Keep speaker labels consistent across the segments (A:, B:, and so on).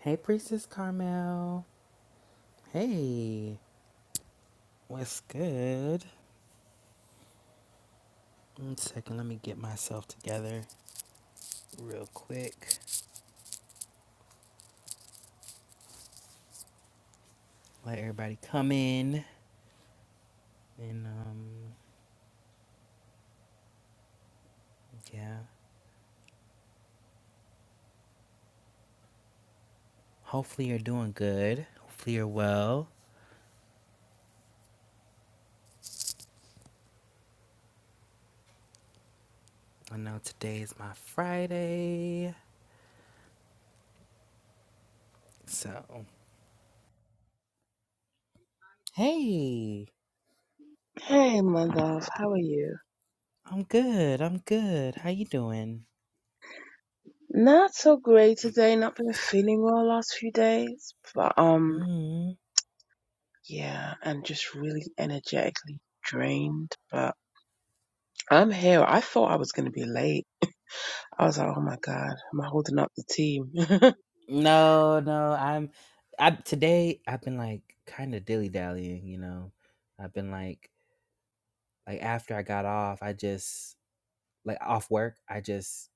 A: Hey, Priestess Carmel. Hey, what's good? One second, let me get myself together real quick. Let everybody come in. And, um, yeah. Hopefully, you're doing good. Hopefully, you're well. I know today is my Friday. So, hey,
B: Hey, my love, how are you?
A: I'm good. I'm good. How you doing?
B: Not so great today. Not been feeling well last few days, but um,
A: mm
B: yeah, and just really energetically drained. But I'm here. I thought I was gonna be late. I was like, oh my god, am I holding up the team?
A: No, no, I'm. I today I've been like kind of dilly dallying, you know. I've been like like after I got off, I just like off work, I just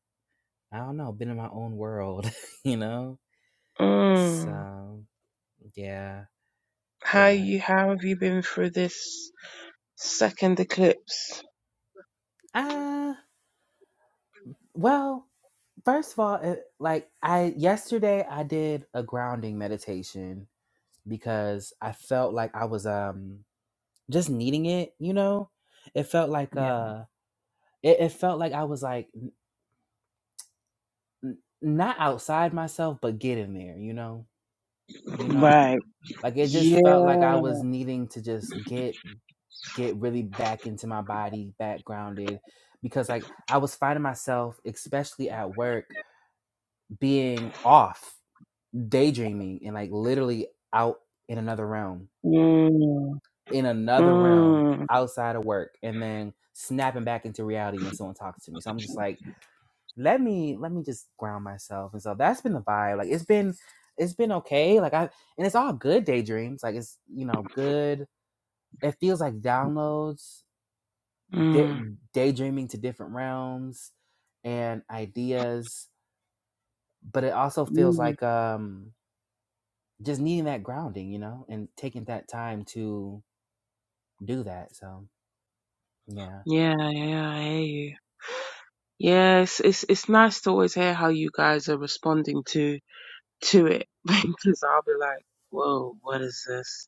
A: I don't know, been in my own world, you know?
B: mm.
A: So yeah,
B: How
A: yeah.
B: you? How have you been through this second eclipse?
A: Uh well, first of all, it, like I yesterday I did a grounding meditation because I felt like I was um just needing it, you know? It felt like
B: Yeah.
A: uh it, it felt like I was like n- not outside myself, but getting there, you know? You know?
B: Right.
A: like it just
B: Yeah.
A: felt like i was needing to just get get really back into my body back grounded because like i was finding myself especially at work being off daydreaming and like literally out in another realm
B: Mm.
A: in another realm
B: Mm.
A: outside of work and then snapping back into reality when someone talks to me so i'm just like let me let me just ground myself and so that's been the vibe like it's been it's been okay like i and it's all good daydreams like it's you know good it feels like downloads, da-
B: Mm.
A: daydreaming to different realms and ideas, but it also feels
B: Mm.
A: like um just needing that grounding, you know, and taking that time to do that. So yeah,
B: Yeah. Yeah. I hear you. Yes, it's it's nice to always hear how you guys are responding to to it because I'll be like, "Whoa, what is this?"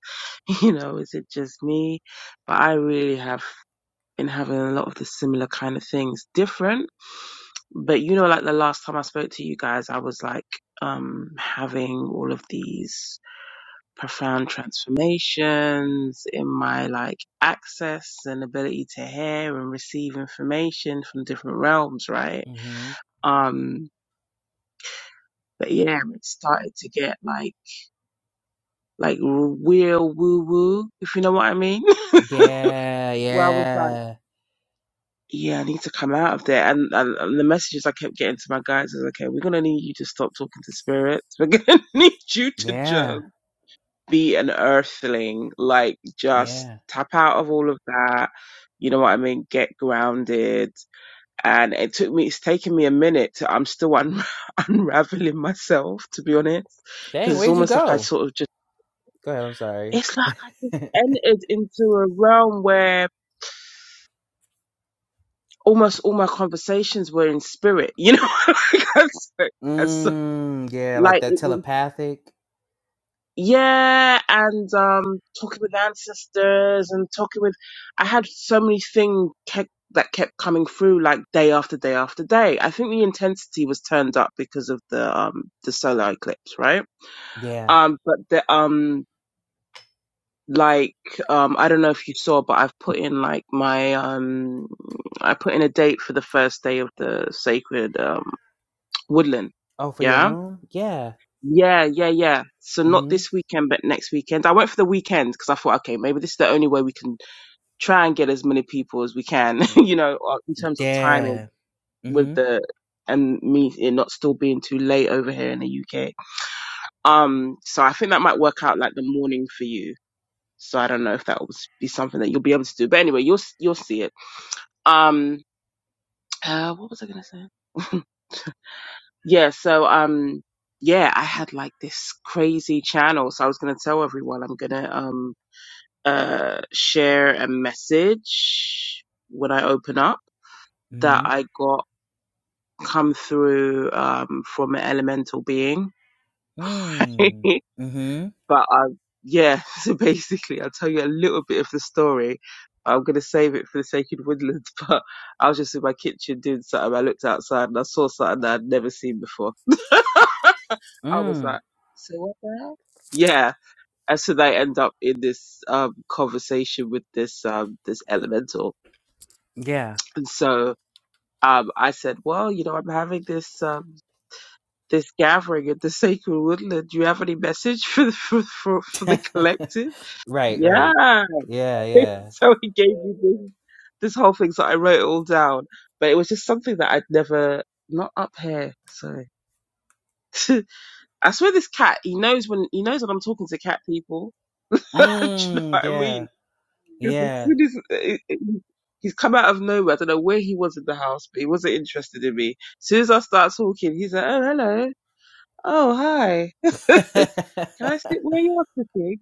B: You know, is it just me? But I really have been having a lot of the similar kind of things, different. But you know, like the last time I spoke to you guys, I was like um having all of these profound transformations in my like access and ability to hear and receive information from different realms, right?
A: hmm
B: Um, but yeah, it started to get like, like real woo woo, if you know what I mean.
A: yeah,
B: Where I was like,
A: yeah,
B: yeah, I need to come out of there. And, and, and the messages I kept getting to my guys was, okay, we're going to need you to stop talking to spirits. We're going to need you to
A: yeah,
B: just be an earthling. Like, just
A: yeah.
B: tap out of all of that. You know what I mean? Get grounded. And it took me, it's taken me a minute to, I'm still un- unraveling myself, to be honest. Cause
A: Dang,
B: it's
A: where'd you
B: almost like I
A: go?
B: sort of just
A: Go ahead. I'm sorry.
B: it's like I just entered into a realm where almost all my conversations were in spirit, you know? That's- that's so-
A: mm, yeah, like
B: like
A: that
B: it was,
A: telepathic.
B: yeah, and um, talking with ancestors and talking with, I had so many things kept, that kept coming through like day after day after day. I think the intensity was turned up because of the um the solar eclipse, right?
A: Yeah.
B: Um, but the um like um I don't know if you saw, but I've put in like my um I put in a date for the first day of the sacred um woodland.
A: Oh, for your
B: Yeah.
A: room? Yeah.
B: Yeah, yeah, yeah. So not
A: Mm-hmm.
B: this weekend, but next weekend. I went for the weekend because I thought, okay, maybe this is the only way we can try and get as many people as we can, you know, uh, in terms of
A: Yeah.
B: timing with
A: Mm-hmm.
B: the and me it not still being too late over here in the UK. Um, so I think that might work out like the morning for you So I don't know if that will be something that you'll be able to do. But anyway, you'll you'll see it. Um, uh, what was I gonna say? yeah. So um, yeah, I had like this crazy channel. So I was gonna tell everyone I'm gonna um uh share a message when I open up that
A: Mm-hmm.
B: I got come through um from an elemental being.
A: Mm. Mm-hmm.
B: But um, yeah, so basically, I'll tell you a little bit of the story. I'm going to save it for the sake of woodlands, but I was just in my kitchen doing something. I looked outside and I saw something that I'd never seen before. I was
A: Mm.
B: like, so what the hell? Yeah. And so they end up in this um, conversation with this um, this elemental.
A: Yeah.
B: And so um, I said, well, you know, I'm having this um, this gathering at the sacred woodland. Do you have any message for the, for, for, for the collective?
A: right, right.
B: Yeah.
A: Yeah, yeah.
B: so he gave me this this whole thing. So I wrote it all down, but it was just something that I'd never not up here. So I swear, this cat he knows when he knows when I'm talking to cat people. Do you know
A: Mm,
B: what I
A: yeah.
B: mean? Because as
A: Yeah.
B: soon as uh, it, it, he's come out of nowhere, I don't know where he was in the house, but he wasn't interested in me. As soon as I start talking, he's like, "Oh, hello." Oh hi! Can I sit where you are sitting?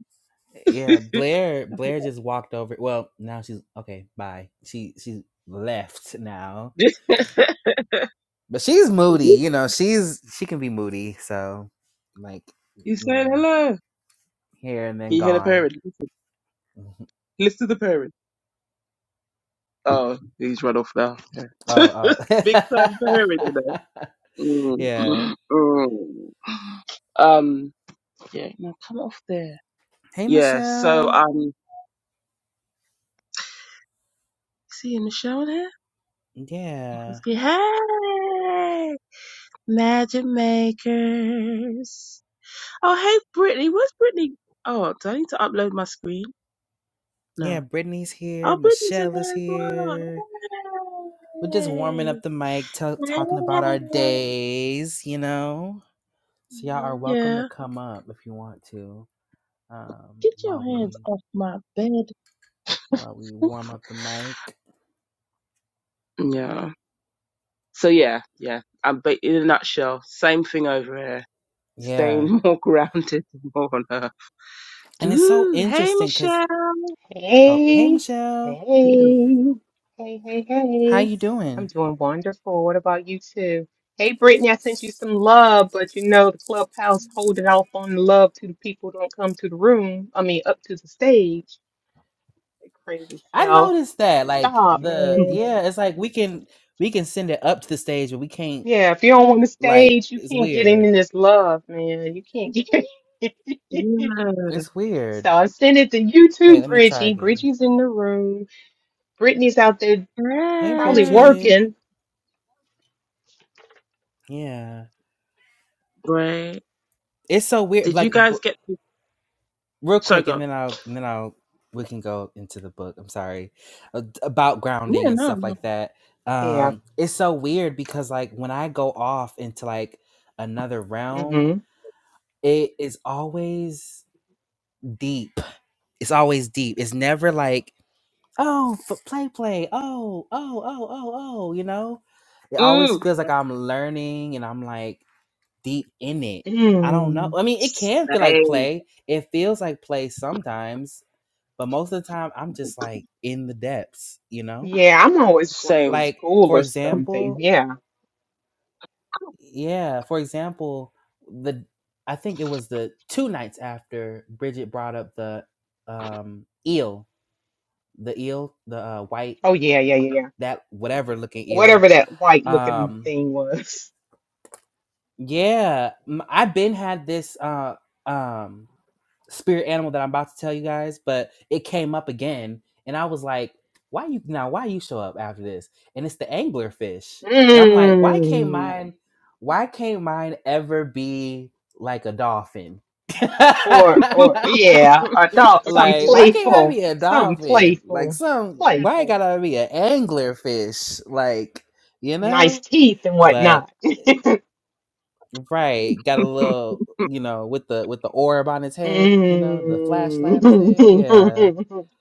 A: yeah. Blair Blair just walked over. Well, now she's okay, bye. She she's left now. But she's moody, you know, she's she can be moody, so like,
B: He's
A: you
B: saying
A: know,
B: hello. Can
A: here and then
B: you hear the
A: gone.
B: parrot?
A: Mhm.
B: Listen to the parents. Oh, he's run off now. Okay.
A: Oh,
B: Big time parent today.
A: oh.
B: Mm,
A: yeah.
B: mm, mm. Um, yeah, now come off there.
A: Hey
B: Yeah, so,
A: Michelle.
B: um, see in the show there?
A: Yeah.
B: Let's get, hey! Magic Makers. Oh, hey, Brittany. Where's Brittany? Oh, do I need to upload my screen?
A: Yeah,
B: No.
A: Brittany's here.
B: Oh, Brittany's in
A: Michelle is
B: there as well.
A: here. We're just warming
B: Hey!
A: up the mic, tell talking about our
B: Hey!
A: days, you know? So y'all are
B: Yeah.
A: welcome to come up if you want to um,
B: Get your
A: while
B: hands
A: we
B: off my bed.
A: while we warm up the mic.
B: Yeah. So yeah, yeah. Um, but in a nutshell, same thing over here.
A: Yeah.
B: Staying more grounded, more on earth.
A: And it's so
B: Ooh, hey
A: interesting because,
B: Michelle.
A: oh, hey,
C: Hey,
A: Michelle.
B: yeah.
C: hey, hey, hey,
A: How
C: hey.
A: you
C: I'm
A: doing?
C: doing wonderful. What about you too? Hey, Brittany, I sent you some love, but you know the clubhouse holding off on the love to the people who don't come to the room. I mean, up to the stage. They crazy
A: I
C: shell.
A: noticed that, like,
C: Stop,
A: the,
C: man.
A: yeah, it's like we can, we can send it up to the stage, but we can't,
C: Yeah, if you don't want the
A: like,
C: stage, you
A: it's
C: can't get any
A: weird.
C: of this love, man. You can't get
A: It's
C: So
A: weird.
C: I sent it to you too,
A: Wait, let me try
C: Bridgie.
A: again.
C: Bridgie's in the room. Brittany's out there
A: Hey,
C: probably
B: Hey.
A: Bridget.
C: working.
A: Yeah,
B: Right.
A: it's so weird.
B: Did you
A: Like, b-
B: guys get?
A: real
B: Sorry,
A: quick,
B: go.
A: and
B: on.
A: then I'll and then I'll we can go into the book. I'm sorry Uh, d- about grounding
B: Yeah,
A: and
B: no,
A: stuff
B: no.
A: like that.
C: Yeah.
A: Um, it's so weird because like when I go off into like another realm,
C: hmm
A: it is always deep. It's always deep. It's never like oh f- play play oh oh oh oh oh you know. It always
B: Mm.
A: feels like I'm learning and I'm like deep in it. I don't know.
C: Mm.
A: I mean, it
B: Same.
A: can feel like play. It feels like play sometimes, but most of the time I'm just like in the depths, you know?
C: Yeah, I'm always going to
B: Same.
A: Like
C: school
A: for
C: or something.
A: example,
C: Yeah.
A: yeah, for example, the I think it was the two nights after Bridget brought up the um eel, the eel, the uh, white
C: Oh yeah, yeah, yeah, yeah.
A: that whatever looking eel.
C: Whatever that white looking
A: Um
C: thing was.
A: yeah, m- I've been had this uh um spirit animal that I'm about to tell you guys, but it came up again, and I was like, "Why you now? Why you show up after this?" And it's the anglerfish, and I'm like, "Why can't
C: Mm.
A: mine? Why can't mine ever be like a dolphin?" like,
C: Or or yeah, adult, something
A: why can't I
C: playful,
A: be a
C: something
A: dolphin? Like,
C: playful,
A: some why
C: playful.
A: gotta be an anglerfish? Like, you
C: Nice
A: know,
C: teeth and
A: but.
C: whatnot.
A: Right. Got a little, you know, with the with the orb on his head, you know, the flashlight on his head. Yeah.
C: Mm.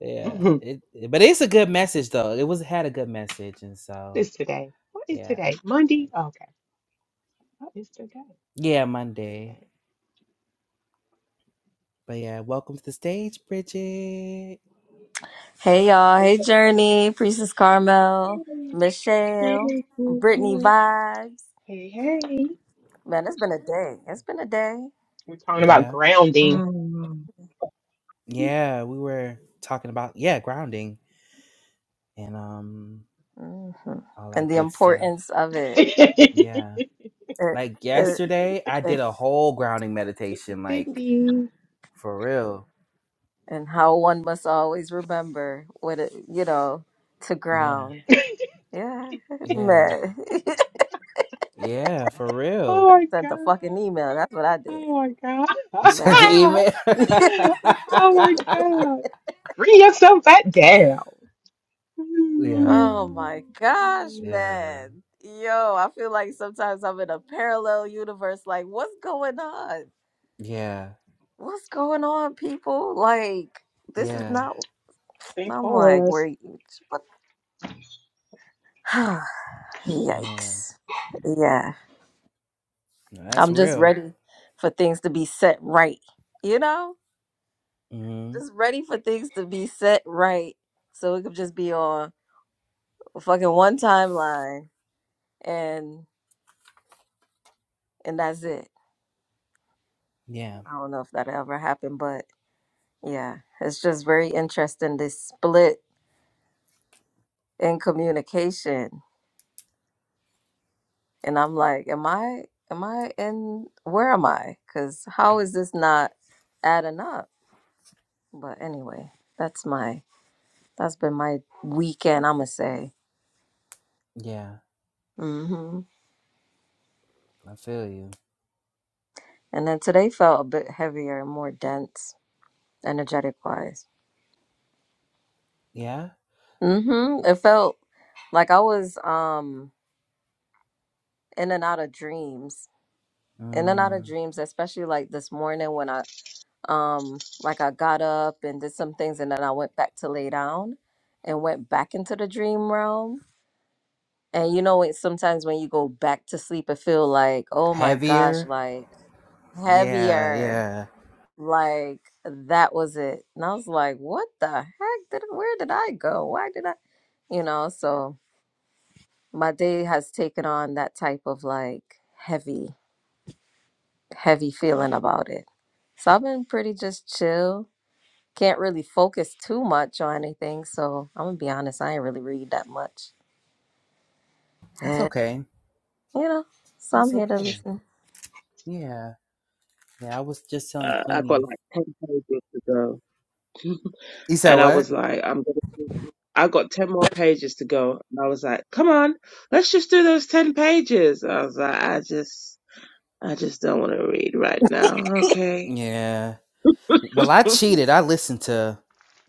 A: Yeah. It, it- but it's a good message though. It was had a good message and so
C: This today. What is
A: yeah.
C: today? Monday? Okay. What is today?
A: Yeah, Monday.
C: Okay.
A: But yeah, welcome to the stage, Bridget.
D: Hey y'all, hey Journey, Priestess Carmel, Michelle, Brittany
B: Mm.
D: Vibes.
C: Hey, hey.
D: Man, it's been a day. It's been a day.
C: We're talking about
A: Yeah.
C: grounding.
A: Yeah, we were talking about yeah, grounding and um
D: hmm
A: all
D: And
A: that
D: the
A: good stuff.
D: importance of it,
C: Fifty-fifty.
A: Yeah.
D: it,
A: Like
D: it,
A: yesterday I did
D: it,
A: a whole grounding meditation like for real.
D: and how one must always remember what it, you know, to
A: Yeah.
D: ground. Yeah,
A: Yeah.
D: man.
A: Yeah, for
C: Oh
A: real.
C: my
D: Sent a
C: God.
D: fucking email. That's what I did,
C: Oh my
A: You sent the
D: man.
C: God.
A: email.
C: Oh my God. Bring yourself back down.
A: yeah,
D: Oh my gosh,
A: yeah,
D: man. Yo, I feel like sometimes I'm in a parallel universe. Like, what's going on?
A: yeah,
D: What's going on, people? Like, this is
A: yeah,
D: not.
C: Sing
D: I'm like,
C: for
D: where
C: us.
D: you. What?
A: yeah.
D: Yikes. Yeah.
A: No, that's
D: I'm just
A: real.
D: ready for things to be set right. You know?
A: hmm
D: Just ready for things to be set right. So it could just be on fucking one timeline and and that's it.
A: Yeah,
D: I don't know if that ever happened, but Yeah, it's just very interesting this split in communication. And I'm like, am I am I in where am I? Cuz how is this not adding up? But anyway, that's my that's been my weekend, I'm gonna say.
A: yeah.
D: Mhm.
A: I feel you.
D: And then today felt a bit heavier and more dense energetic wise.
A: Yeah.
D: Mhm. It felt like I was um in and out of dreams. In and out of
A: Mm.
D: dreams, especially like this morning when I um like i got up and did some things and then i went back to lay down and went back into the dream realm and you know it sometimes when you go back to sleep it feel like oh my gosh
A: Heavier.
D: like
A: Yeah,
D: heavier
A: yeah.
D: like that was it and i was like what the heck did where did i go why did i you know so my day has taken on that type of like heavy heavy feeling about it so i've been pretty just chill can't really focus too much on anything. So I'm gonna be honest, I ain't really read that much.
A: That's
D: you
A: okay.
D: know, so I'm
A: That's
D: here to
A: okay.
D: listen.
A: Yeah, yeah. I was just telling
B: Uh, I
A: Queenie
B: got
A: if
B: like ten pages to go.
A: you said
B: And I
A: what?
B: was like, I'm gonna do- I got 10 more pages to go. And I was like, come on, let's just do those 10 pages. I was like, I just, I just don't want to read right now. Okay.
A: Yeah. Well, I cheated. I listened to.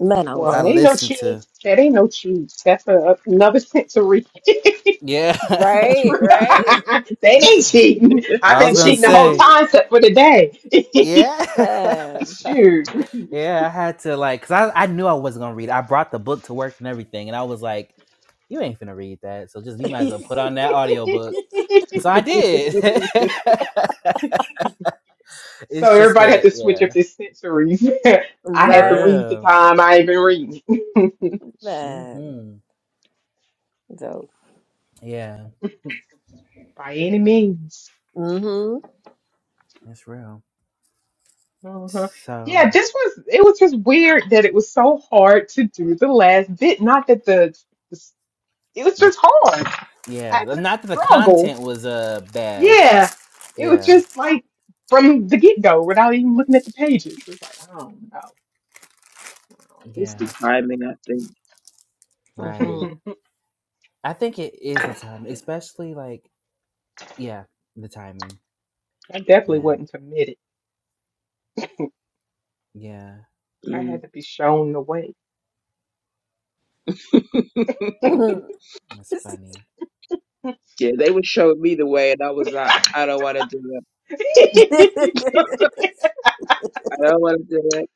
D: Ma-
A: I
C: Well, ain't no
A: listened
C: cheat.
A: to.
C: That ain't no cheat. That's a, another sensory.
A: Yeah.
C: the
A: I
D: Right,
C: truth.
D: right.
C: they ain't cheating. I've been
A: was gonna
C: cheating the whole
A: say.
C: time except for today.
A: Yeah.
D: man.
C: Shoot.
A: yeah, I had to like cuz I I knew I wasn't going to read. it. I brought the book to work and everything and I was like, you ain't finna read that. So just you might as well put on that audiobook. And so I did.
C: so
A: it's just
C: everybody had
A: a
C: to switch up
A: yeah,
C: their centuries. I had
A: for
C: to
D: right,
C: read the time I even read.
A: real.
C: Shoot.
D: man.
A: Mhm. Yeah,
C: By any means.
A: it's real.
C: Uh-huh. Yeah,
A: So
C: this was it was just weird that it was so hard to do the last bit. Not that the, the it was
A: the
C: just hard. I
A: yeah,
C: had
A: the-
C: to
A: not that the
C: struggle.
A: content was uh bad.
C: Yeah. It was
A: Yeah.
C: just like from the get go without even looking at the pages. It's like, I don't know.
B: It's
C: I,
A: Yeah.
B: the timing, I think.
D: hmm
C: don't
A: Right.
C: know.
A: I think it is the time, especially like yeah, the timing.
C: I definitely
A: Yeah.
C: wasn't committed.
A: Yeah,
C: I
B: Mm.
C: had to be shown the way.
D: yep,
A: that's funny.
B: Yeah, they were showing me the way and I was like, I don't want to do it. I don't want to do it.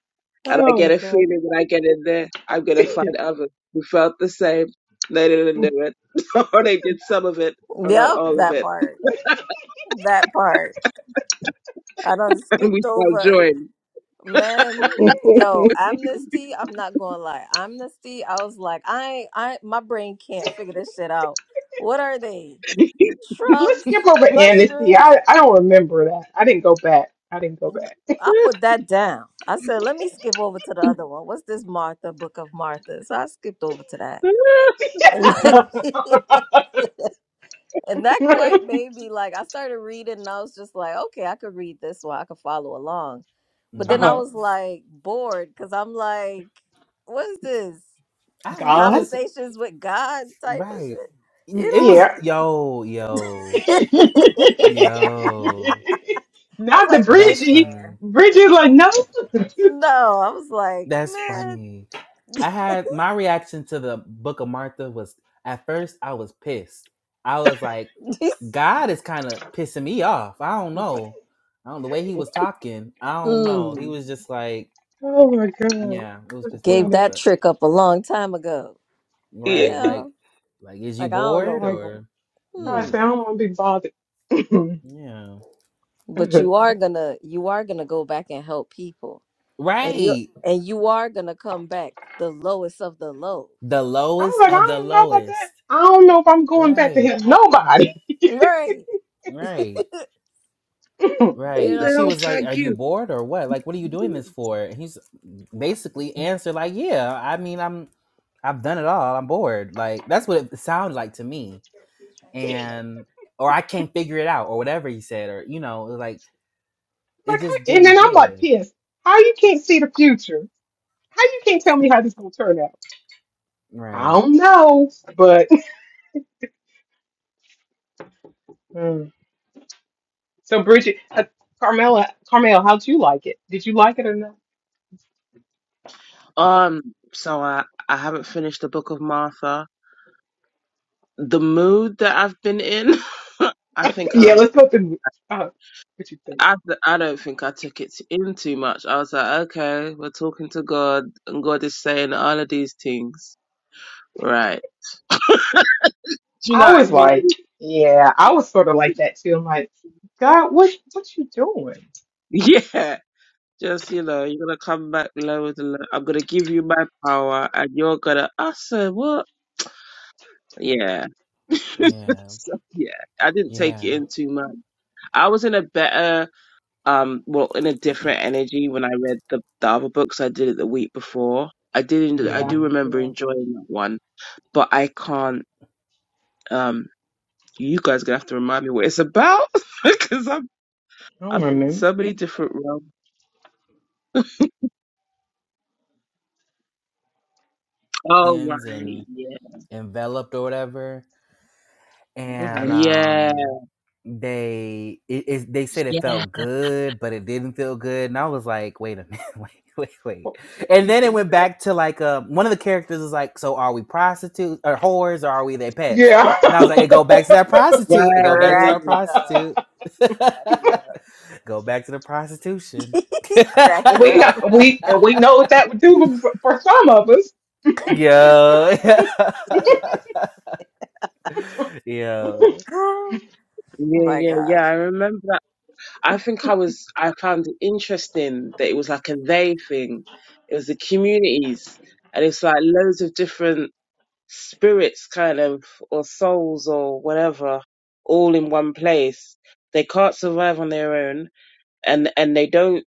B: And I get
C: oh
B: a
C: God.
B: feeling when I get in there, I'm going to find others who felt the same. They didn't do it. or they did some of it or not all of
D: that
B: it.
D: part. That part. I done
B: And
D: skipped
B: we shall
D: over.
B: join.
D: Man, yo, amnesty, I'm not gonna lie. Amnesty, I was like, I I my brain can't figure this shit out. What are they?
C: Let's
D: Shrubs,
C: skip over amnesty.
D: mushrooms?
C: I, I don't remember that. I didn't go back. I didn't go back.
D: I put that down. I said, let me skip over to the other one. What's this Martha, Book of Martha? So I skipped over to that. And that quite made me like I started reading and I was just like, okay, I could read this one, I could follow along. But then
A: hmm
D: I
C: uh-huh.
D: was Mhm. like bored because I'm like, what is this?
A: I like
C: God?
A: this.
D: Conversations with God type of
A: Right.
D: shit.
A: Mm,
D: You
A: It
C: Yeah.
A: was yo,
D: know?
A: yo, yo.
D: I was
C: Not the
D: like,
A: That's
D: been
C: Bridgie.
D: there.
A: funny.
C: Bridgie like no.
D: No, I was like,
A: That's
D: man,
A: funny. I had my reaction to the Book of Martha was at first I was pissed. I was like, God is kind of pissing me off. I don't know. I don't the way he was talking. I don't know. He
D: mm,
A: was just like,
C: oh my god.
A: yeah, it was
C: That's
A: pissing me
D: gave
A: off.
C: funny.
D: that
A: But
D: trick up a long time ago.
B: Yeah.
A: right,
D: Yeah.
A: like, like is you
D: Like I don't
C: Oh
D: know
A: bored
C: my
D: people.
A: or
D: Hmm.
C: gosh,
A: what?
C: I don't want to be bothered.
A: Yeah.
D: But you are gonna you are gonna go back and help people and you
A: Right.
D: and you are gonna come back the lowest of the low,
A: The
C: I was
A: lowest
C: like, I
A: of the
C: don't know about that.
A: lowest.
C: I don't know if I'm going back to
A: Right.
C: help nobody.
D: right?
A: Right.
D: You
B: Who
A: Right. And
D: know,
B: the
A: she
B: hell
A: was like, Are
B: tagged
A: you
B: you?
A: bored or what? Like, what are you doing this for? And he's basically answered, like, Yeah, I mean, I'm I've done it all. I'm bored. Like, that's what it sounded like to me.
C: like,
A: And or I can't figure it out, or whatever he said, or you know, like it
C: I,
A: just
C: and
A: didn't
C: then I'm like
A: give.
C: pissed. How you can't see the future? How you can't tell me how this gonna turn out? I
A: Right.
C: don't know, but Mm. so Bridget, uh, Carmela, Carmel, how'd you like it? Did you like it or not?
B: Um, so I, I haven't finished the book of Martha. The mood that I've been in, I think I,
C: yeah,
B: was-
C: let's go through. Uh, what you think?
B: I, I don't think I took it in too much. I was like, okay, we're talking to God, and God is saying all of these things, right? Do you know
C: I
B: what I
C: was like,
B: mean?
C: yeah, I was sort of like that too. I'm like, God, what what you doing?
B: Yeah. Just, you know, you're gonna come back lower than low. with the lo- I'm gonna give you my power, and you're gonna, I said, what? Yeah.
A: Yeah.
B: So, yeah, I didn't take
A: Yeah.
B: it in too much. I was in a better, um, well, in a different energy when I read the, the other books I did it the week before. I didn't, I
C: Yeah,
B: do
A: mm
B: remember
C: yeah,
B: enjoying that one, but I can't, um, you guys are gonna have to remind me what it's about because I'm,
C: I don't
B: I'm in
C: remember.
B: so many different realms. Oh, right.
A: And
B: Yeah.
A: enveloped or whatever and
C: hmm
B: Yeah.
A: um they it, it they said it
B: Yeah.
A: felt good but it didn't feel good and i was like wait a minute wait wait
C: What,
A: wait
C: you,
A: and
C: you
A: then it
C: see?
A: went back to like uh one of the characters is like so are we prostitutes or whores or are we their pets
C: Yeah.
A: and i was like it go back to that prostitute it go back to
B: Right.
D: crack
A: that
D: it up,
A: prostitute
D: crack
A: go back to the prostitution
D: it up, crack it
C: we know
D: up.
C: we and we know what that would do for, for some of us.
A: yo
C: I
A: yo
D: oh
B: Yeah,
D: my
B: yeah,
D: gosh,
B: yeah. I remember that. I think I was, I found it interesting that it was like a they thing. It was the communities and it's like loads of different spirits kind of or souls or whatever all in one place they can't survive on their own and and they don't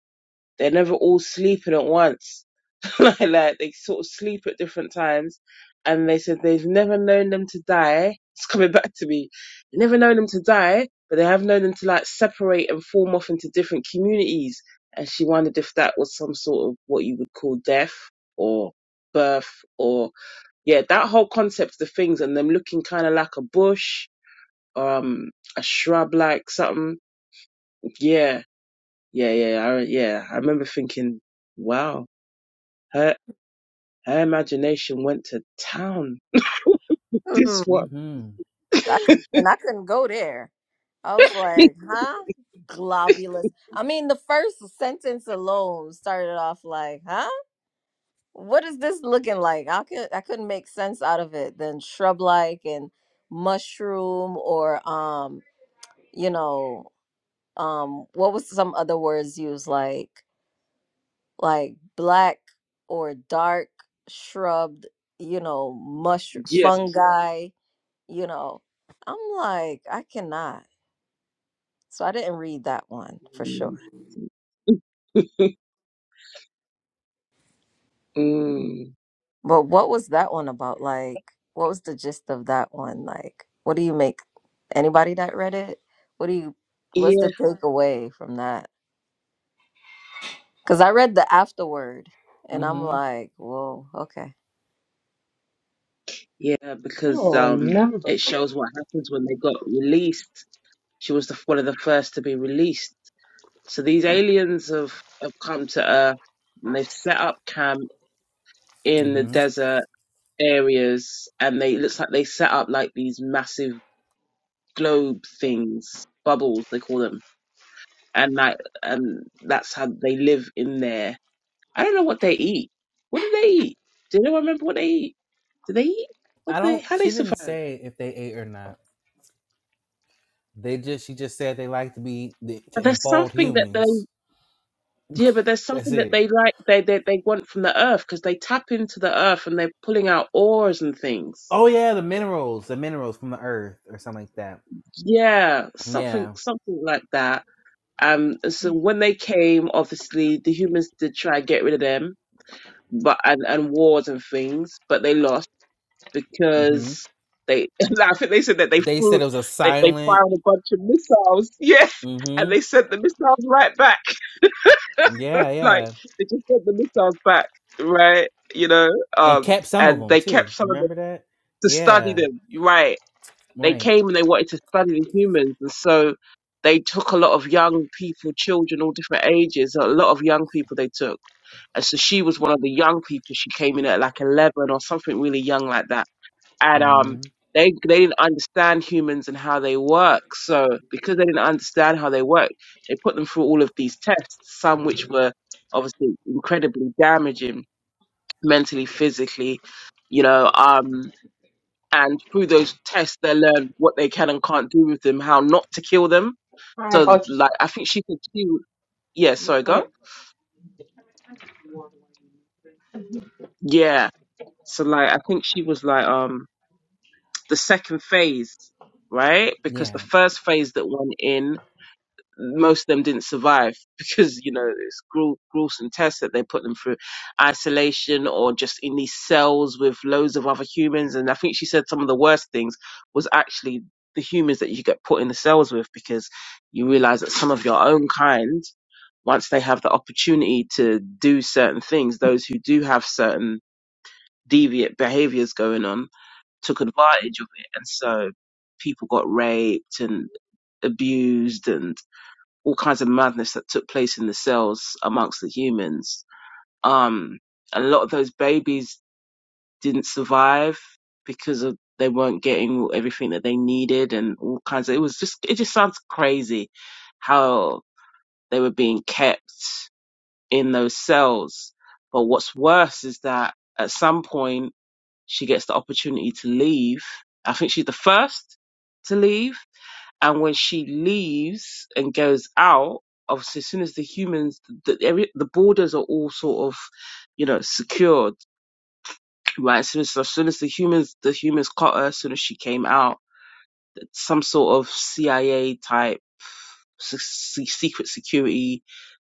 B: they're never all sleeping at once like like they sort of sleep at different times and they said they've never known them to die it's coming back to me never known them to die but they have known them to like separate and form off into different communities and she wondered if that was some sort of what you would call death or birth or yeah, that whole concept of the things and them looking kind of like a bush, um, a shrub, like something. Yeah, yeah, yeah, I, yeah. I remember thinking, wow, her her imagination went to town. This
D: Mm,
B: one,
A: mhm
D: I cou- and I couldn't go there. I was like, huh, globulous. I mean, the first sentence alone started off like, huh. What is this looking like? I could I couldn't make sense out of it. Then shrub like and mushroom or um you know um what was some other words used like like black or dark shrubbed you know mush
B: yeah,
D: fungi you know i'm like i cannot so i didn't read that one for sure
B: mm.
D: but what was that one about like what was the gist of that one like what do you make anybody that read it what do you what's the takeaway from that because i read the afterword
A: Mm
D: and i'm
A: mhm
D: like whoa okay
B: Yeah, because
C: don't
B: um,
C: remember.
B: it shows what happens when they got released. She was the, one of the first to be released. So these aliens have, have come to Earth and they've set up camp
A: Mm
B: in the
A: mhm
B: desert areas and they it looks like they set up like these massive globe things, bubbles they call them. And like and that's how they live in there. I don't know what they eat. What do they eat? Do anyone remember what they eat? Do they eat? What
A: I
B: do they
A: don't.
B: how do they
A: She didn't
B: survive?
A: say if they ate or not. They just. She just said they like to be to
B: There's
A: enfold
B: something that they
A: humans.
B: Yeah, but there's
A: That's
B: something that
A: it.
B: they like they they, they want from the earth because they tap into the earth and they're pulling out ores and things.
A: Oh yeah, the minerals, the minerals from the earth or something like that.
B: Yeah, something
A: Yeah.
B: something like that. Um, so when they came, obviously the humans did try and get rid of them, but and and wars and things, but they lost
A: Mm-hmm.
B: because they I think they said that they
A: They said
B: threw
A: it was a
B: they they
A: silent.
B: fired a bunch of missiles, yeah, and
A: Mm-hmm.
B: they sent the missiles right back.
A: Yeah,
B: like
A: yeah,
B: they just sent the missiles back, right? You know,
A: and
B: um,
A: kept some of
B: and
A: them
B: they kept
A: too.
B: some of
A: Remember
B: them
A: that?
B: to study
A: Yeah.
B: them, right? They
A: Right.
B: came and they wanted to study the humans, and so they took a lot of young people, children, all different ages, a lot of young people they took, and so she was one of the young people. She came in at like eleven or something really young like that and um
A: Mm-hmm.
B: they they didn't understand humans and how they work so because they didn't understand how they work they put them through all of these tests some which were obviously incredibly damaging mentally physically you know um and through those tests they learn what they can and can't do with them how not to kill them
C: I
B: so
C: about you
B: like i think she could kill. yeah
C: your
B: sorry go
C: bread.
B: yeah so like i think she was like um the second phase right because the
A: Yeah.
B: first phase that went in most of them didn't survive because you know it's gruel- gruesome tests that they put them through isolation or just in these cells with loads of other humans and i think she said some of the worst things was actually the humans that you get put in the cells with because you realize that some of your own kind once they have the opportunity to do certain things those who do have certain deviant behaviors going on took advantage of it and so people got raped and abused and all kinds of madness that took place in the cells amongst the humans. Um, a lot of those babies didn't survive because of they weren't getting everything that they needed and all kinds of, it was just, it just sounds crazy how they were being kept in those cells. But what's worse is that at some point she gets the opportunity to leave. I think she's the first to leave and when she leaves and goes out, obviously, as soon as the humans, the, every- the borders are all sort of, you know, secured, right? As soon as, as soon as the humans, the humans caught her, as soon as she came out, some sort of CIA type se- se- secret security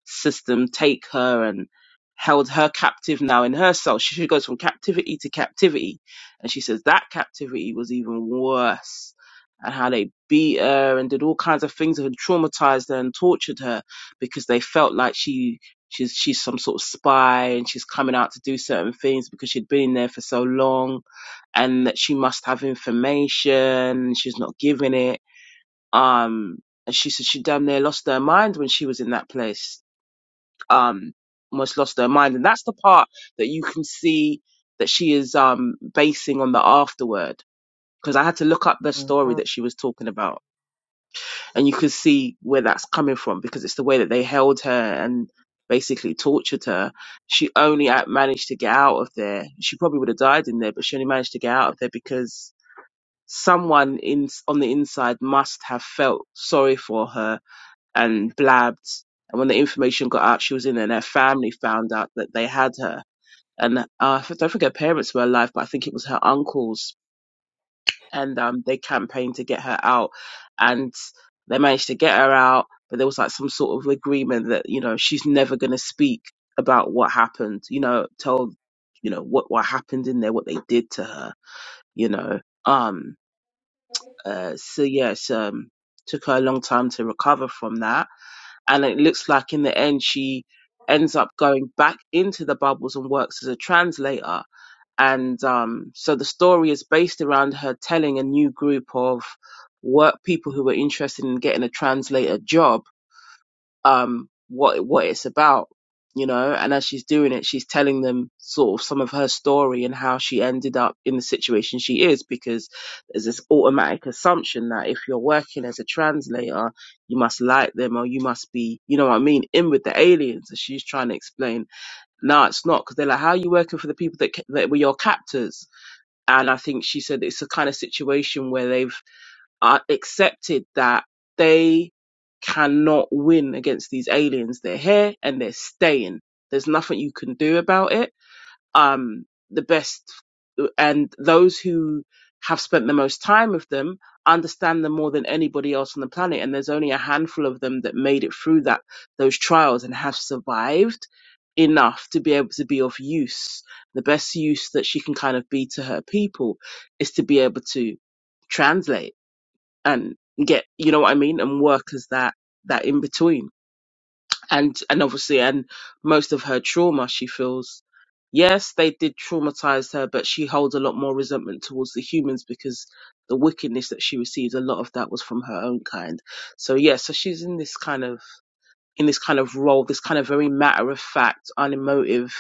B: system take her and held her captive now in her soul. She she goes from captivity to captivity. And she says that captivity was even worse. And how they beat her and did all kinds of things and traumatized her and tortured her because they felt like she she's she's some sort of spy and she's coming out to do certain things because she'd been in there for so long and that she must have information. and She's not giving it. Um and she said she damn near lost her mind when she was in that place um almost lost her mind and that's the part that you can see that she is um basing on the afterword because i had to look up the story
D: Mhm.
B: that she was talking about and you can see where that's coming from because it's the way that they held her and basically tortured her she only a- managed to get out of there she probably would have died in there but she only managed to get out of there because someone in on the inside must have felt sorry for her and blabbed. And when the information got out, she was in, and her family found out that they had her. And uh, I don't think her parents were alive, but I think it was her uncles. And um, they campaigned to get her out, and they managed to get her out. But there was like some sort of agreement that you know she's never going to speak about what happened. You know, tell you know what what happened in there, what they did to her. You know, um, uh, so yes, um, took her a long time to recover from that and it looks like in the end she ends up going back into the bubbles and works as a translator and um, so the story is based around her telling a new group of work people who were interested in getting a translator job um what what it's about you know and as she's doing it she's telling them sort of some of her story and how she ended up in the situation she is because there's this automatic assumption that if you're working as a translator you must like them or you must be you know what i mean in with the aliens and she's trying to explain no it's not because they're like how are you working for the people that, ca- that were your captors and i think she said it's a kind of situation where they've uh, accepted that they cannot win against these aliens. They're here and they're staying. There's nothing you can do about it. Um, the best and those who have spent the most time with them understand them more than anybody else on the planet. And there's only a handful of them that made it through that those trials and have survived enough to be able to be of use. The best use that she can kind of be to her people is to be able to translate and get you know what I mean and work as that that in between and and obviously and most of her trauma she feels yes they did traumatize her but she holds a lot more resentment towards the humans because the wickedness that she received a lot of that was from her own kind so yeah so she's in this kind of in this kind of role this kind of very matter of fact unemotive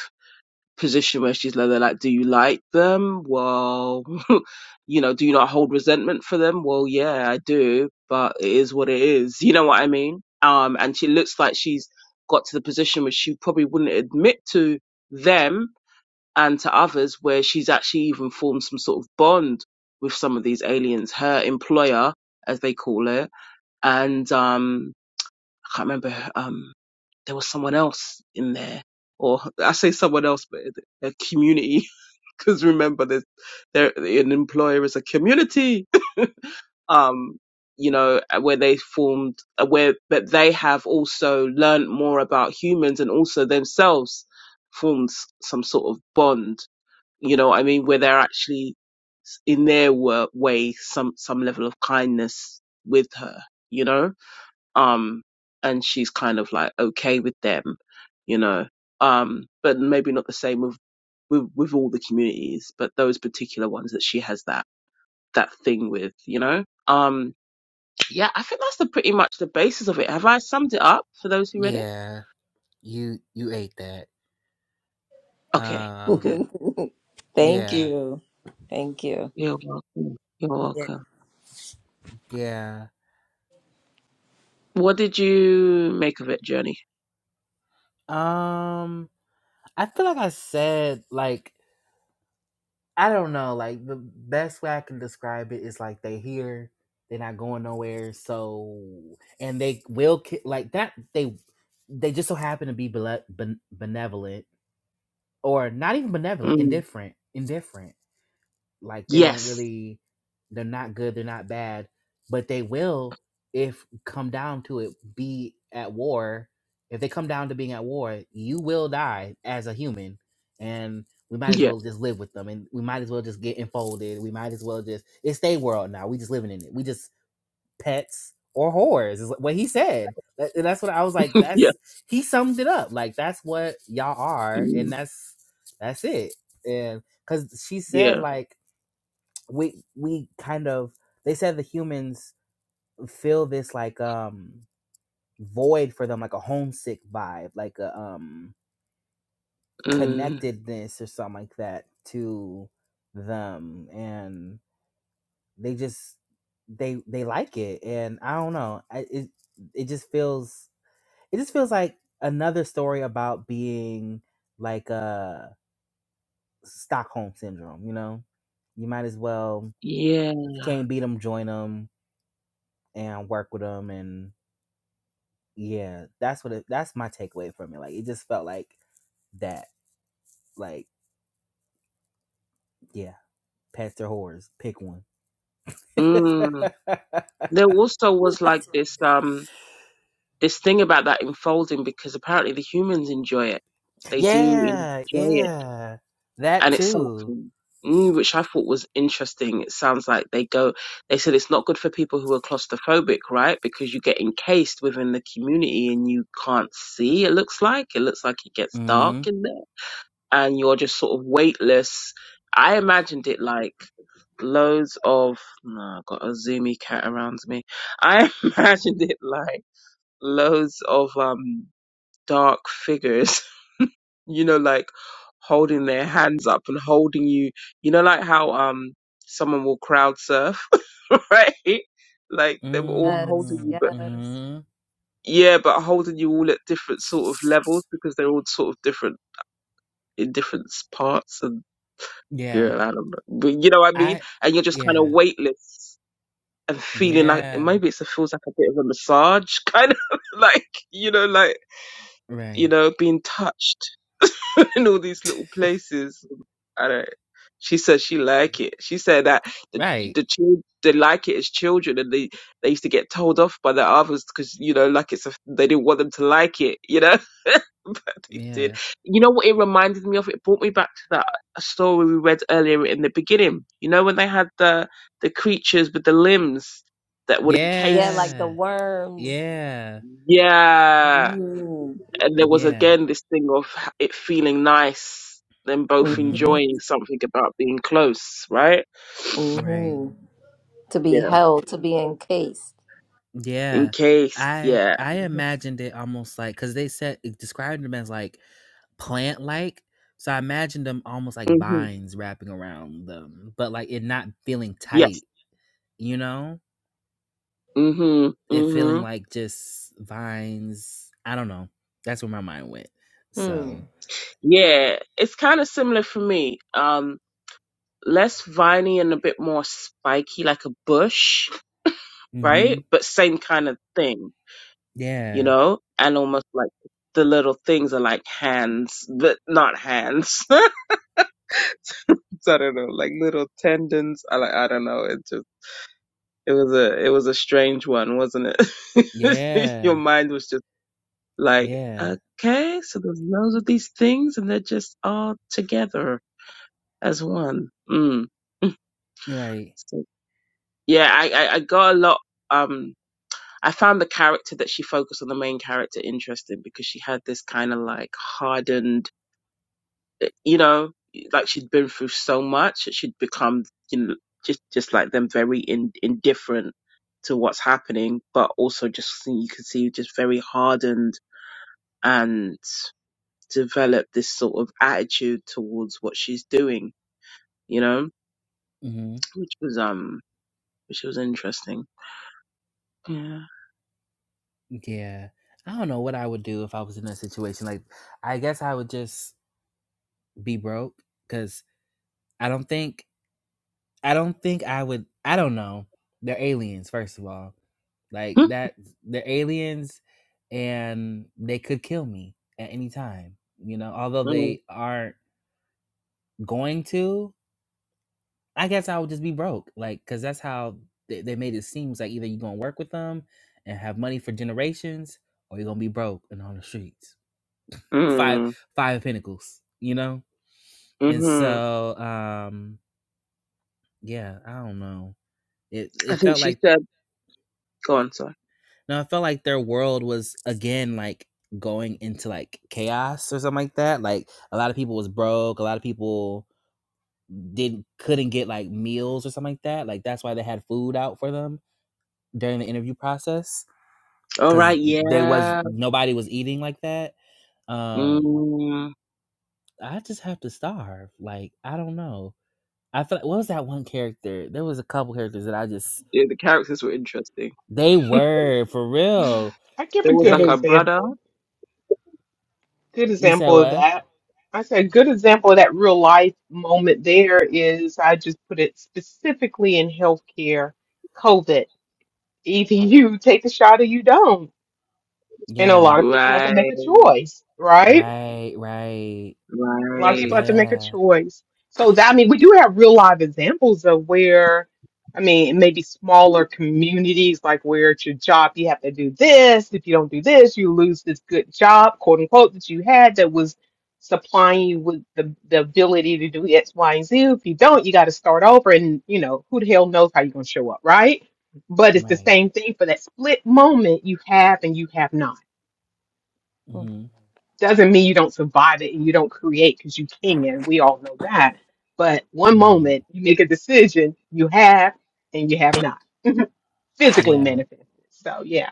B: position where she's like, they're like, do you like them? Well, you know, do you not hold resentment for them? Well, yeah, I do, but it is what it is. You know what I mean? Um, and she looks like she's got to the position which she probably wouldn't admit to them and to others where she's actually even formed some sort of bond with some of these aliens, her employer, as they call it, and, um, I can't remember, um, there was someone else in there, or I say someone else, but a community, because remember there's there an employer is a community. Um, you know uh, where they formed, uh, where but they have also learned more about humans and also themselves formed s- some sort of bond. You know, what I mean, where they're actually in their wo- way some some level of kindness with her. You know um and she's kind of like okay with them you know um but maybe not the same with with, with all the communities but those particular ones that she has that that thing with you know um yeah i think that's the pretty much the basis of it have i summed it up for those who read it
A: Yeah. You you ate that.
B: okay good
A: Um.
D: Thank
A: Yeah.
D: you. Thank you.
B: you're welcome you're
D: Yes,
B: welcome
A: Yeah.
B: what did you make of it journey
A: Um. I feel like I said like I don't know. Like the best way I can describe it is like they here, they're not going nowhere. So and they will ki- like that. They they just so happen to be bele- ben- benevolent or not even benevolent,
B: mm.
A: indifferent, indifferent. Like they don't
B: yes
A: really they're not good, they're not bad, but they will if come down to it be at war. If they come down to being at war, you will die as a human and we might as
B: yeah
A: well just live with them and we might as well just get enfolded. We might as well just it's their world now. We just living in it. We just pets or whores is what he said. That- That's what I was like,
B: yeah
A: that's he summed it up. Like that's what y'all are and
B: mm.
A: that's that's it. And cuz she said
B: yeah
A: like we we kind of they said the humans feel this like um void for them like a homesick vibe like a um
B: mm.
A: connectedness or something like that to them and they just they they like it and i don't know I, it it just feels it just feels like another story about being like a stockholm syndrome you know you might as well
B: yeah
A: if you can't beat them join them and work with them and. yeah, that's what it, that's my takeaway from it. Like it just felt like that. Like yeah, pets or whores, pick one.
B: mm. there also was like this um this thing about that enfolding because apparently the humans enjoy it. They do
A: yeah,
B: enjoy it,
A: yeah, that
B: and it's
A: too.
B: something mm, which I thought was interesting. It sounds like they go. They said it's not good for people who are claustrophobic, right? Because you get encased within the community and you can't see. It looks like it looks like it gets dark
A: Mm,
B: in there, and you're just sort of weightless. I imagined it like loads of. No, I've got a zoomy cat around me. I imagined it like loads of um dark figures, you know, like holding their hands up and holding you, you know, like how um someone will crowd surf, right? Like they were all holding you,
A: mm,
B: but
D: yes.
A: mm.
B: yeah, but holding you all at different sort of levels because they're all sort of different in different parts. And
A: Yeah,
B: girl, I don't know, but you know what I mean.
A: I.
B: And you're just kind of
A: Yeah,
B: weightless and feeling like
A: yeah.
B: maybe it's, it feels like a bit of a massage, kind of like you know, like you
A: Right,
B: know, being touched in all these little places. I don't. She said she like it. She said that the
A: right.
B: the children they like it as children, and they they used to get told off by the others because you know, like it's a, they didn't want them to like it, you know. but they did.
A: Yeah,
B: You know what it reminded me of? It brought me back to that story we read earlier in the beginning. You know when they had the the creatures with the limbs that would
D: Yeah.
B: encase.
A: yeah,
D: Mm-hmm.
A: yeah,
B: Yeah and there was
A: yeah.
B: again this thing of it feeling nice them
D: hmm
B: both
A: Mm,
B: enjoying something about being close right
A: right.
D: hmm To be
B: yeah
D: held, to be encased.
A: Yeah,
B: encased
A: I
B: yeah
A: I
D: Mhm.
A: imagined it almost like because they said it described them as like plant like, so I imagined them almost like
B: hmm
A: vines wrapping around them, but like it not feeling
B: yes
A: tight, you know,
B: hmm
A: it
B: hmm
A: feeling like just vines. I don't know. That's where my mind went.
D: Hmm.
A: So,
B: yeah it's kind of similar for me um less viney and a bit more spiky like a bush
A: hmm
B: right but same kind of thing you
A: yeah,
B: know and almost like the little things are like hands but not hands I don't know, like little tendons. I like I don't know. It just It was a it was a strange one, wasn't it? Your
A: yeah,
B: mind was just like,
A: yeah.
B: okay, so there's loads of these things, and they're just all together as one. Mm.
A: You're right.
B: So, yeah, I, I I got a lot. Um, I found the character that she focused on the main character interesting because she had this kind of like hardened you know, like she'd been through so much, she'd become you know, just just like them, very in, indifferent to what's happening, but also just see- you can see just very hardened and developed this sort of attitude towards what she's doing, you know,
A: hmm
B: which was um, which was interesting. Yeah.
A: Yeah, I don't know what I would do if I was in that situation. Like, I guess I would just be broke. because. I don't think I don't think I would I don't know. They're aliens, first of all. Like
B: Hmm?
A: that they're aliens and they could kill me at any time. You know, although
B: Mm.
A: they aren't going to, I guess I would just be broke. Like cuz that's how they, they made it seem It's like either you're going to work with them and have money for generations or you're going to be broke and on the streets. Five
B: Mm.
A: five of pentacles, you know? And
B: Mhm.
A: so um yeah, I don't know. It
B: I
A: it
B: think
A: felt
B: she
A: like
B: said, "Go on, sorry."
A: No, I felt like their world was again like going into like chaos or something like that. Like a lot of people was broke, a lot of people didn't couldn't get like meals or something like that. Like that's why they had food out for them during the interview process
B: All
A: cuz
B: right.
A: they was
B: Yeah.
A: nobody was eating like that. Um
B: Mm.
A: I just have to starve. Like I don't know. I feel like what was that one character? There was a couple characters that I just
B: Yeah. The characters were interesting.
A: they were for real.
C: I give
B: There
C: a
B: was
C: good
B: like
A: They
B: a brother.
C: example. Good
A: you said
C: example of
A: what?
C: that. I said a good example of that real life moment there is I just put it specifically in healthcare, COVID. Either you take the shot or you don't. And a
A: Yeah.
C: lot of people had to
B: Right,
C: make a choice, right?
A: Right, right.
C: A lot of
B: right.
C: people have to make a
A: Yeah,
C: choice. So that, I mean, we do have real live examples of where, I mean, maybe smaller communities, like where it's your job, you have to do this. If you don't do this, you lose this good job, quote unquote, that you had that was supplying you with the, the ability to do X, Y, and Z. If you don't, you got to start over. And, you know, who the hell knows how you're going to show up, right? But it's the
A: right.
C: same thing for that split moment you have and you have not
A: hmm
C: doesn't mean you don't survive it and you don't create because you can. We all know that. But one
A: Right.
C: moment you make a decision, you have and you have not physically
A: Yeah.
C: manifested. So yeah,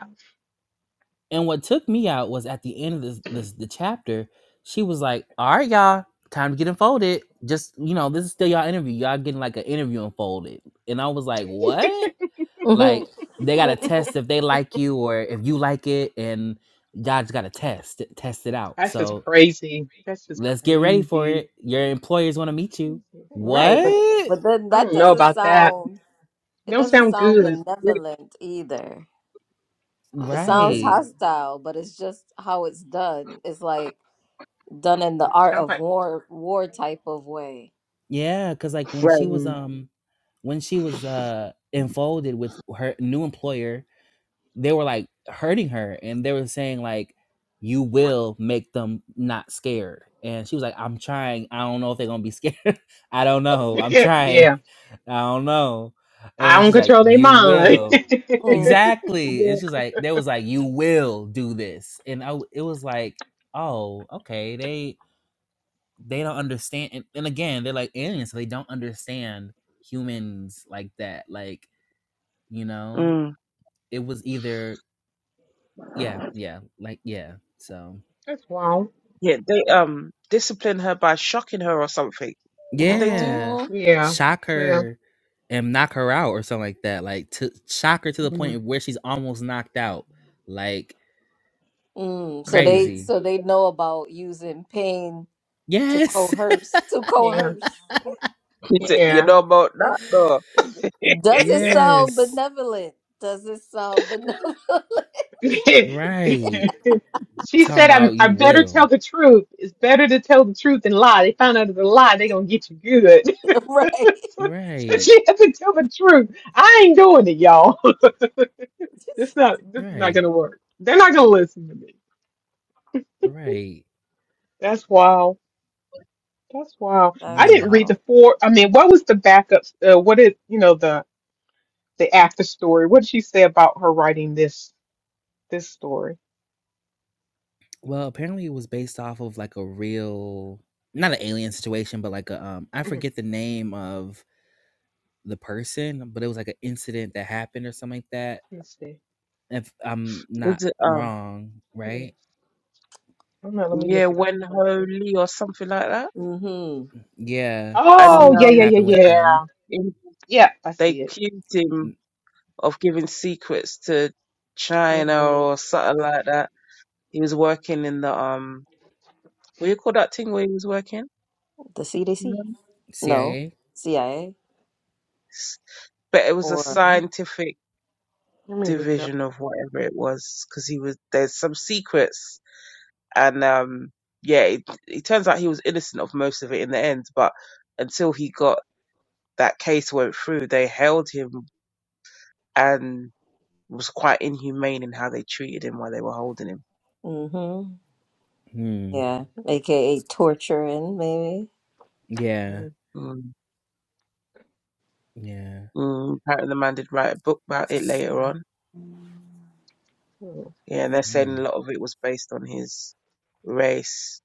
A: And what took me out was at the end of this, this the chapter, she was like, All right, y'all, time to get unfolded. Just, you know, this is still y'all interview. Y'all getting like an interview unfolded. And I was like, What?
D: Mhm.
A: Like, they got to test if they like you or if you like it. And y'all just got to test it, test it out.
C: that's just
A: So
C: crazy. That's just
A: let's get ready for
C: crazy.
A: it. Your employers want to meet you.
C: Crazy.
D: right, but
A: What?
D: but then
C: I
D: that
C: don't know
D: doesn't
C: about that.
D: sound it
C: Don't
D: doesn't
C: sound
D: sound
C: good.
B: Really
D: benevolent either. It sounds
C: Mm.
A: Right.
D: hostile, but it's just how it's done. It's like done in the art
C: Sounds
D: of
C: like
D: war war type of way.
A: Yeah, because like when she
B: gross.
A: was
C: mm.
A: um when she was uh enfolded with her new employer, they were like hurting her and they were saying like you will make them not scared. And she was like, I'm trying. I don't know if they're gonna be scared. I don't know. I'm trying.
C: yeah.
A: I don't know. And
C: I
A: then
C: don't
A: she's like,
C: control their
A: You
C: mind.
A: will. Exactly.
B: Yeah.
A: And she's like, there was like, you will do this. And I w- it was like, oh, okay. They they don't understand and, and again they're like aliens so they don't understand humans like that like you know
B: Mm.
A: it was either yeah yeah like yeah so
C: that's wrong.
B: Yeah, they um disciplined her by shocking her or something. What did they do?
D: Mm.
A: yeah
C: Yeah.
A: shock
C: Well.
A: her and knock her out or something like that like to shock her to the
B: Mm.
A: point where she's almost knocked out like
D: Mm, so
B: Mm.
D: they
A: crazy
D: so they know about using pain to
A: yes
D: coerce to
C: Yeah.
D: coerce.
B: He said, you
C: Yeah.
B: know about that though.
D: Does it sound
A: yes
D: benevolent? Does it sound benevolent?
C: she
A: right talking
C: said, I'm,
A: about
C: I
A: you
C: better
A: will
C: tell the truth. It's better to tell the truth than lie. They found out it's a lie, they going to get you good.
D: right.
C: so, so
A: right
C: she had to tell the truth. I ain't doing it, y'all. this not this is not going
A: right
C: to work. They're not going to listen to me.
A: right
C: That's wild. That's wild. I
D: That's
A: yeah
C: didn't read the
D: wild.
C: four. I mean, what was the backup? Uh, what is, you know, the the after story? What did she say about her writing this this story?
A: Well, apparently it was based off of like a real not an alien situation, but like a um I
C: Mhm.
A: forget the name of the person, but it was like an incident that happened or something like that.
C: Let's see.
A: If I'm not
B: Was it um
A: wrong,
C: Let me, I
A: right?
C: don't know. Let me
B: yeah,
C: look it up.
B: Wen Ho Lee or something like that?
D: Mm-hmm.
A: Yeah,
B: And he
C: Oh,
A: some
C: yeah,
A: that
C: yeah,
B: um
C: yeah,
A: happened with
B: they,
A: them.
C: yeah.
B: in-
C: Yeah, I
B: they
C: see it.
B: accused him
A: Mm,
B: of giving secrets to
C: Wait,
B: China
C: holy.
B: or something like that. He was working in the um what do you call that thing where he was working?
D: The
B: You
D: CDC?
B: know?
D: No.
A: CIA?
D: CIA?
B: but it was a
D: Or
C: mm
B: scientific
C: Let me look it up.
B: division of whatever it was because he was there's some secrets and um yeah it, it turns out he was innocent of most of it in the end but until he got that case went through they held him and was quite inhumane in how they treated him while they were holding him
D: mm-hmm.
A: Hmm.
D: Yeah. AKA torturing, maybe.
A: Yeah.
C: Mm,
B: mm.
A: Yeah.
B: Mm. apparently the man did write a book about it later
C: Yeah.
B: on
C: Oh,
B: yeah and they're
A: Hmm.
B: saying a lot of it was based on his race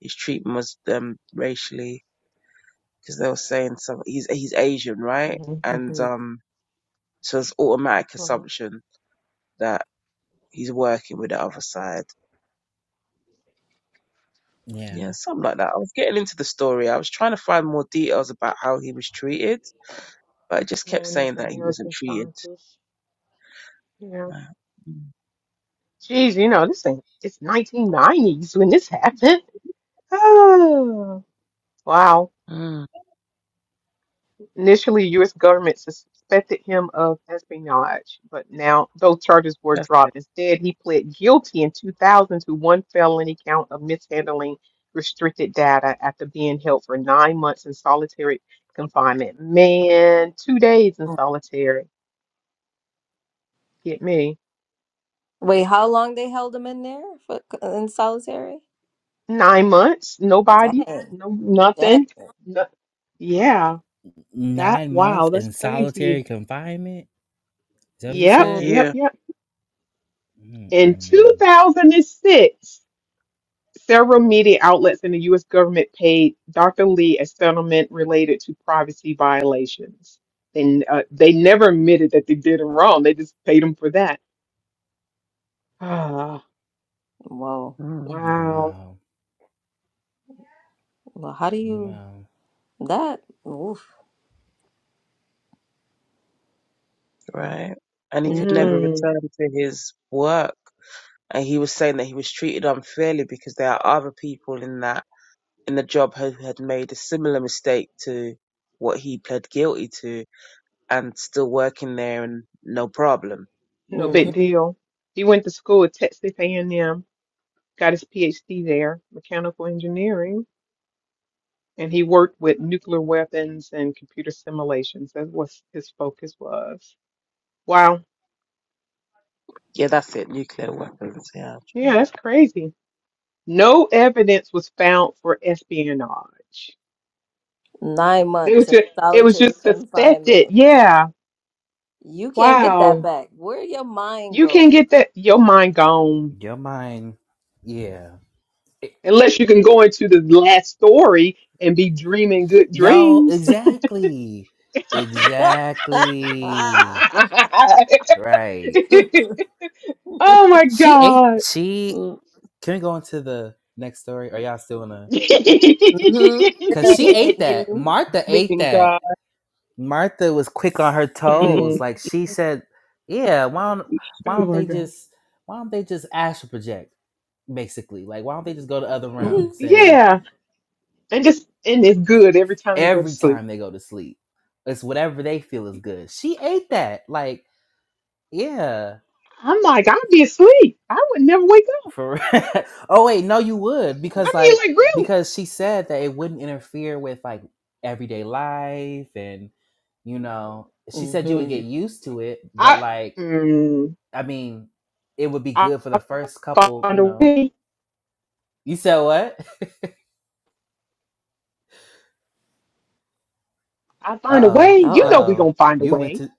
B: his treatment was um racially because they were saying some he's he's Asian, right?
C: Mm-hmm.
B: And
D: hmm
B: um, so it's automatic
C: Well,
B: assumption that he's working with the other side. Yeah,
A: Yeah.
B: something like that. I was getting into the story. I was trying to find more details about how he was treated, but it just kept
C: oh, we need
B: saying
C: some
B: that he wasn't
C: American
B: treated.
C: scientists. Yeah.
B: Right. Mm,
C: Jeez, you know, this thing it's 1990s when this happened. Oh, wow.
B: mm,
C: Initially, U.S. government suspected him of espionage, but now those charges were
B: that's it.
C: dropped. Instead, he pled guilty in 2000 to one felony count of mishandling restricted data after being held for nine months in solitary confinement. Man, two days in solitary. Get me.
D: Wait, how long they held him in there for in solitary?
C: Nine months? Nobody?
D: Dang.
C: No,
D: Dang.
C: nothing? No, yeah, that,
A: Nine months
C: wow, that's
A: in
C: crazy.
A: solitary confinement? Is that what you
C: Yep,
A: said?
C: yep,
D: Hmm.
B: Yeah.
C: yep. In
A: Mm-mm.
C: 2006. Several media outlets and the U.S. government paid Dr. Lee a settlement related to privacy violations. And uh, they never admitted that they did him wrong. They just paid him for that. Ah,
D: Whoa.
B: Mm,
A: Oh,
C: wow.
A: wow.
D: Well, how do you
A: Wow.
D: that? Oof.
B: right. And he
D: hmm
B: could never
C: Mm,
B: return to his work. And he was saying that he was treated unfairly because there are other people in that in the job who had made a similar mistake to what he pled guilty to and still working there and no problem.
C: no
D: hmm
C: big deal. He went to school at Texas A&M, got his PhD there, mechanical engineering, and he worked with nuclear weapons and computer simulations. That was his focus was. Wow.
B: Yeah, that's it. Nuclear weapons. Yeah.
C: Yeah, that's crazy. No evidence was found for espionage.
D: Nine
C: They was
D: months in
C: just, it was
D: solitary
C: just
D: confinement.
C: suspected. Yeah.
D: You can't get that
C: Wow.
D: back. Where your mind
C: You can't
D: go?
C: get that your mind gone
A: Your mind, yeah. It-
C: unless you can go into the last story and be dreaming good
A: Yo,
C: dreams.
A: exactly. Exactly. Right.
C: oh my
A: She ate,
C: god.
A: she,
D: hmm
A: can we go on to the next story? Are y'all still in a, cause
B: Yeah,
A: she
B: yeah.
A: ate that. Martha ate
B: Meaning
A: that.
B: that.
A: Martha was quick on her toes.
C: Mm.
A: Like she said, yeah, why don't, why
C: Oh
A: don't
C: my
A: they
C: god.
A: just, why don't they just astral project? Basically, like, why don't they just go to other
D: hmm
A: realms and
C: Yeah. And just and it's good every time they go to
A: every
C: sleep.
A: time they go to sleep. It's whatever they feel is good. She ate that. Like, yeah.
C: I'm like, I'd be asleep. I would never wake up.
A: For oh wait, no, you would because
C: I
A: like
C: mean, like really,
A: because she said that it wouldn't interfere with like everyday life and you know she said you would get used to it, but
C: I
A: like
C: mm,
A: I mean, it would be
C: I
A: good for the first couple.
C: find
A: You
C: a
A: know,
C: way.
A: you said what?
C: I
A: Uh
C: find a
A: oh,
C: way.
D: Uh
A: uh
C: You know,
D: oh.
C: we
A: oh,
C: gonna find a
A: you went
C: way.
A: to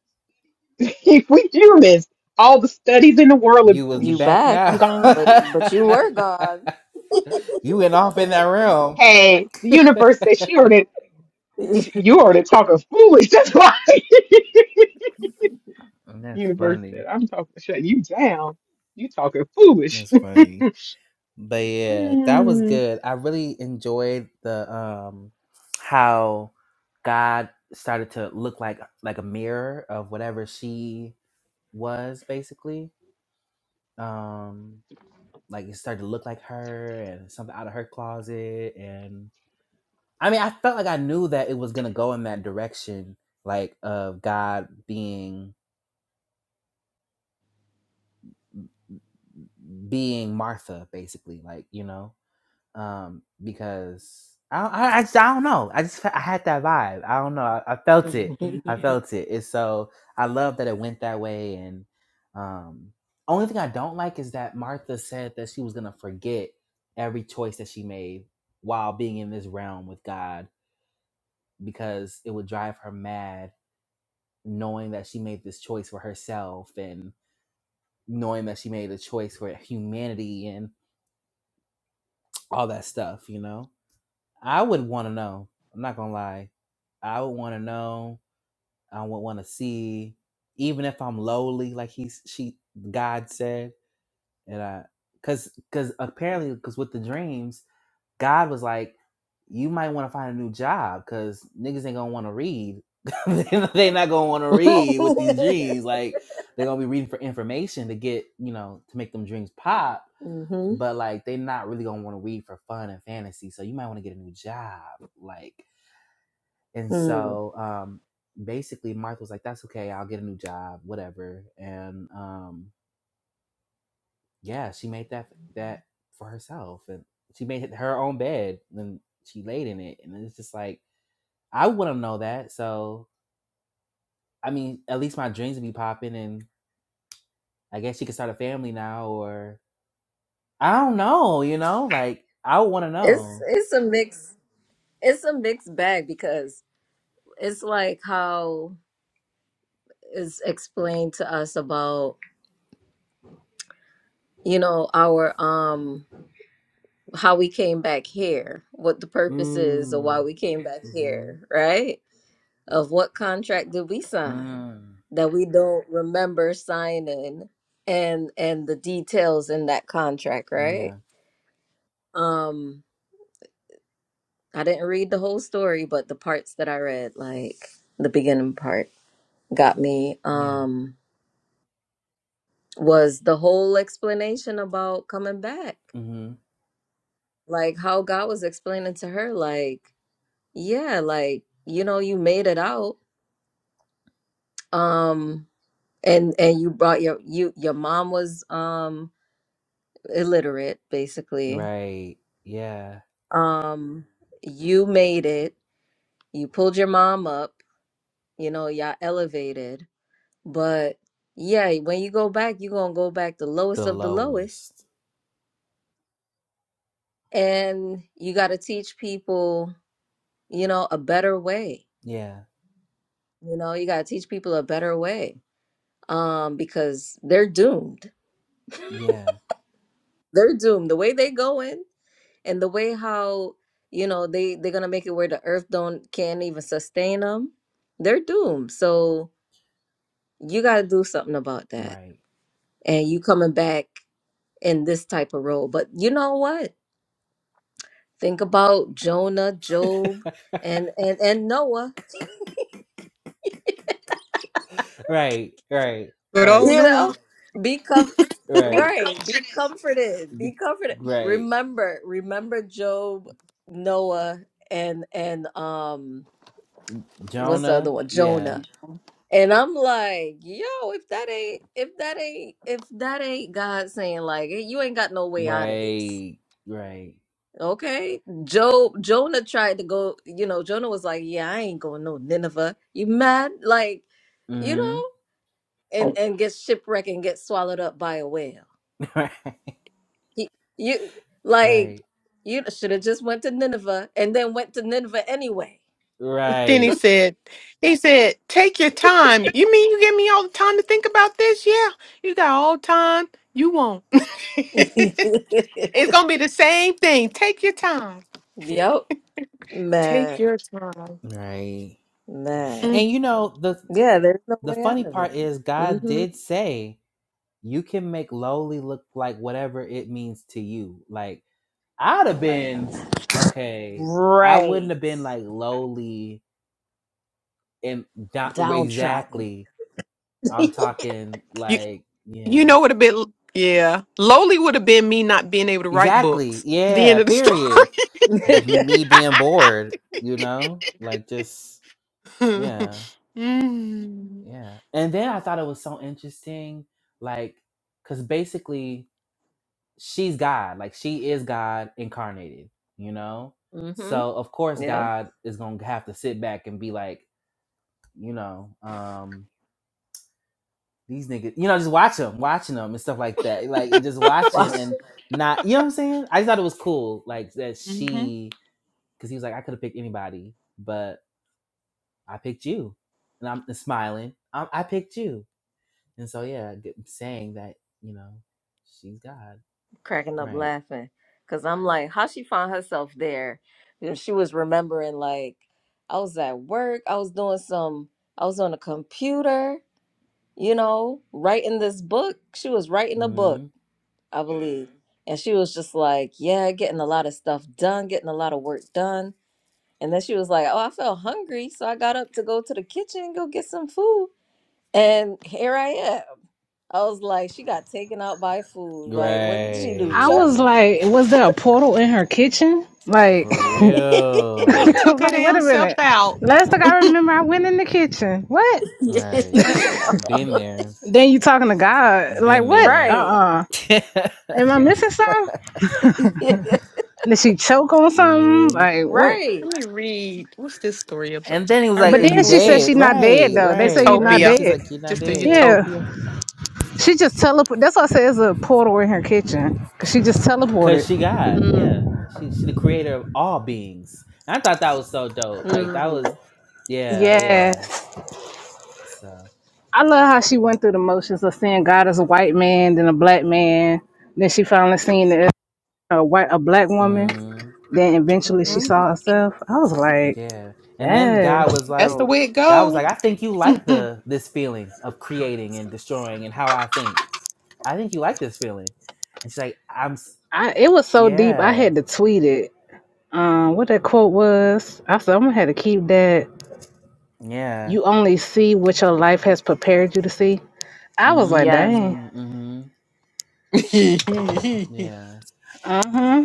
C: if we humans, all the studies in the world, of,
A: you was you
D: You
A: back
D: back,
C: I'm
A: now.
C: gone.
D: but but you were gone.
A: you went off in that room.
C: Hey, the universe said she already,
D: hmm
C: she, you already talking foolish. That's why
A: That's
C: universe
A: funny.
C: said I'm talking shut you down. You talking foolish.
A: That's funny. But yeah, that was good. I really enjoyed the um how God started to look like like a mirror of whatever she was basically. Um like it started to look like her and something out of her closet and I mean, I felt like I knew that it was going to go in that direction like of God being being Martha basically, like, you know. um, because I, I, I, just, I don't know. I just I had that vibe. I don't know. I, I felt it. I felt it. It's so I love that it went that way. And um, only thing I don't like is that Martha said that she was gonna forget every choice that she made while being in this realm with God because it would drive her mad knowing that she made this choice for herself and knowing that she made a choice for humanity and all that stuff. You know. I would want to know. I'm not gonna lie. I would want to know. I would want to see, even if I'm lowly, like he's she God said, and I, cause cause apparently, cause with the dreams, God was like, you might want to find a new job, cause niggas ain't gonna want to read. they not gonna want to read with these dreams. Like they gonna be reading for information to get you know to make them dreams pop, but like they not really gonna want to read for fun and fantasy. So you might want to get a new job, like. And
D: Mm.
A: so um, basically, Martha was like, "That's okay. I'll get a new job, whatever." And um, yeah, she made that that for herself, and she made it her own bed, and she laid in it. And it's just like I want to know that. So I mean, at least my dreams would be popping, and I guess she could start a family now, or I don't know. You know, like I would want to
D: It's
A: know.
D: it's a mix. It's a mixed bag because it's like how is explained to us about. you know our um how we came back here what the purpose is of why
A: Mm.
D: we came back
A: Mm-hmm.
D: here right of what contract did we sign
A: Mm.
D: that we don't remember signing and and the details in that contract right
A: Yeah.
D: um i didn't read the whole story but the parts that i read like the beginning part got me
A: Yeah.
D: um was the whole explanation about coming back
A: hmm
D: like how god was explaining to her like Yeah, like, you know, you made it out. Um and and you brought your you your mom was um illiterate basically.
A: Right. Yeah.
D: Um you made it. You pulled your mom up, you know, y'all elevated. But yeah, when you go back, you're gonna go back the lowest
A: The
D: of the lowest.
A: lowest.
D: And you gotta teach people, you know, a better way.
A: Yeah.
D: You know, you gotta teach people a better way. Um, because they're doomed.
A: Yeah.
D: They're doomed. The way they going and the way how you know they they're gonna make it where the earth don't can't even sustain them they're doomed so you gotta do something about that
A: Right.
D: and you coming back in this type of role but you know what think about jonah job and and and noah
A: Right. Right.
D: you
A: Right.
D: know be com-
A: Right.
D: right be comforted be
A: Be-
D: comforted
A: right.
D: remember remember job noah and and um what's the other
A: Jonah.
D: one jonah
A: Yeah.
D: And I'm like, yo, if that ain't if that ain't if that ain't God saying like "Hey, you ain't got no way out of this.
A: Right. Right.
D: Okay? Job Jonah tried to go, you know, Jonah was like, Yeah, I ain't going no Nineveh. You mad? Like, you
A: Mm-hmm.
D: know,
C: Hmm.
D: and and get shipwrecked and get swallowed up by a whale. He, you like
A: right.
D: you should have just went to Nineveh and then went to Nineveh anyway.
C: Then he
A: Right.
C: said, he said, take your time. You mean you give me all the time to think about this? Yeah, you got all the time you want. it's gonna be the same thing. Take your time.
D: yep.
C: Take
D: Mad.
C: your time.
A: Right.
D: Mad.
C: Mm.
A: And you know the
D: Yeah, there's no
A: the
D: way out
A: funny
D: of it.
A: part is God
D: Mm-hmm.
A: did say you can make lowly look like whatever it means to you. Like I'd have been okay. I wouldn't
D: Right.
A: have been like lowly and not
D: Downtrodden.
A: exactly. I'm talking
C: You
A: like
C: you
A: yeah,
C: know what a bit yeah. Lowly would have been me not being able to write
A: exactly.
C: books. The
A: Yeah,
C: end of the story.
A: period. Me being bored, you know, like just yeah,
C: mm-hmm.
A: yeah. And then I thought it was so interesting, like, cause basically she's God, like she is God incarnated, you know.
D: Mm-hmm.
A: So of course
D: Yep.
A: God is gonna have to sit back and be like, you know, um, these niggas, you know, just watch them, watching them and stuff like that. Like it just
D: Wow.
A: watching and not, you know what I'm saying? I just thought it was cool, like that she, because he was like, I could have picked anybody, but I picked you, and I'm smiling. I, I picked you, and so yeah, g- saying that, you know, she's God,
D: cracking up
A: right?
D: laughing because I'm like, how she found herself there? And she was remembering like I was at work, I was doing some, I was on a computer, you know, writing this book. She was writing a book,
A: mm
D: I believe, and she was just like, yeah, getting a lot of stuff done, getting a lot of work done. And then she was like, Oh, I felt hungry. So I got up to go to the kitchen and go get some food. And here I am. I was like, She got taken out by food. Like, what did she do?
E: I
D: Choke?
E: was
A: Great,
E: like, was there a portal in her kitchen? Like,
A: for
C: It
A: real,
E: I'm
C: took her
E: like, wait
C: damn
E: a
C: self
E: minute.
C: out.
E: Last thing I remember, I went in the kitchen. What?
D: Yeah.
A: right? Been there,
E: Then you talking to God? Like,
A: been
E: what? Uh,
A: there.
D: right.
E: uh Am I
D: She was
E: missing something? Did she choke on something?
A: Mhm.
E: Like,
D: right.
E: what?
C: Let me read. What's this story about?
A: And then he was
C: I
A: like,
E: But
A: "Are
C: read the
A: you
E: then she
C: whole
E: said
C: thing.
A: dead?"
E: she's not dead
A: Right,
E: though. They say
A: right,
E: you're not
A: right.
C: Utopia.
A: She's
E: dead.
A: like, "You're not
C: Just a
A: dead,"
E: Yeah,
C: utopia.
E: she just teleported. That's why I say it's a portal in her kitchen. Cause she just
A: cause she
E: teleported.
A: God. Yeah, she she the creator of all beings. And I thought that was so dope. Like that was
D: mm
A: yeah, yeah.
E: Yes,
A: So
E: I love how she went through the motions of seeing God as a white man, then a black man, then she finally seen the a white a black woman.
A: mm,
E: Then eventually she
C: hmm
E: saw herself. I was like,
A: yeah. And then God
E: yes.
A: was
C: That's
A: like,
C: the
D: Dope.
C: way it
A: God was
C: go.
A: like, "I think you like the this feeling of creating and destroying and how I think. I think you like this feeling." And she's like, "I'm s-
E: I it was so deep. I
A: yeah,
E: had to tweet it. Um, what that quote was. I said I'm gonna have to keep that.
A: yeah."
E: You only see what your life has prepared you to see. I was like,
D: Yes.
E: dang.
A: Mm, mm-hmm. Yeah.
E: hmm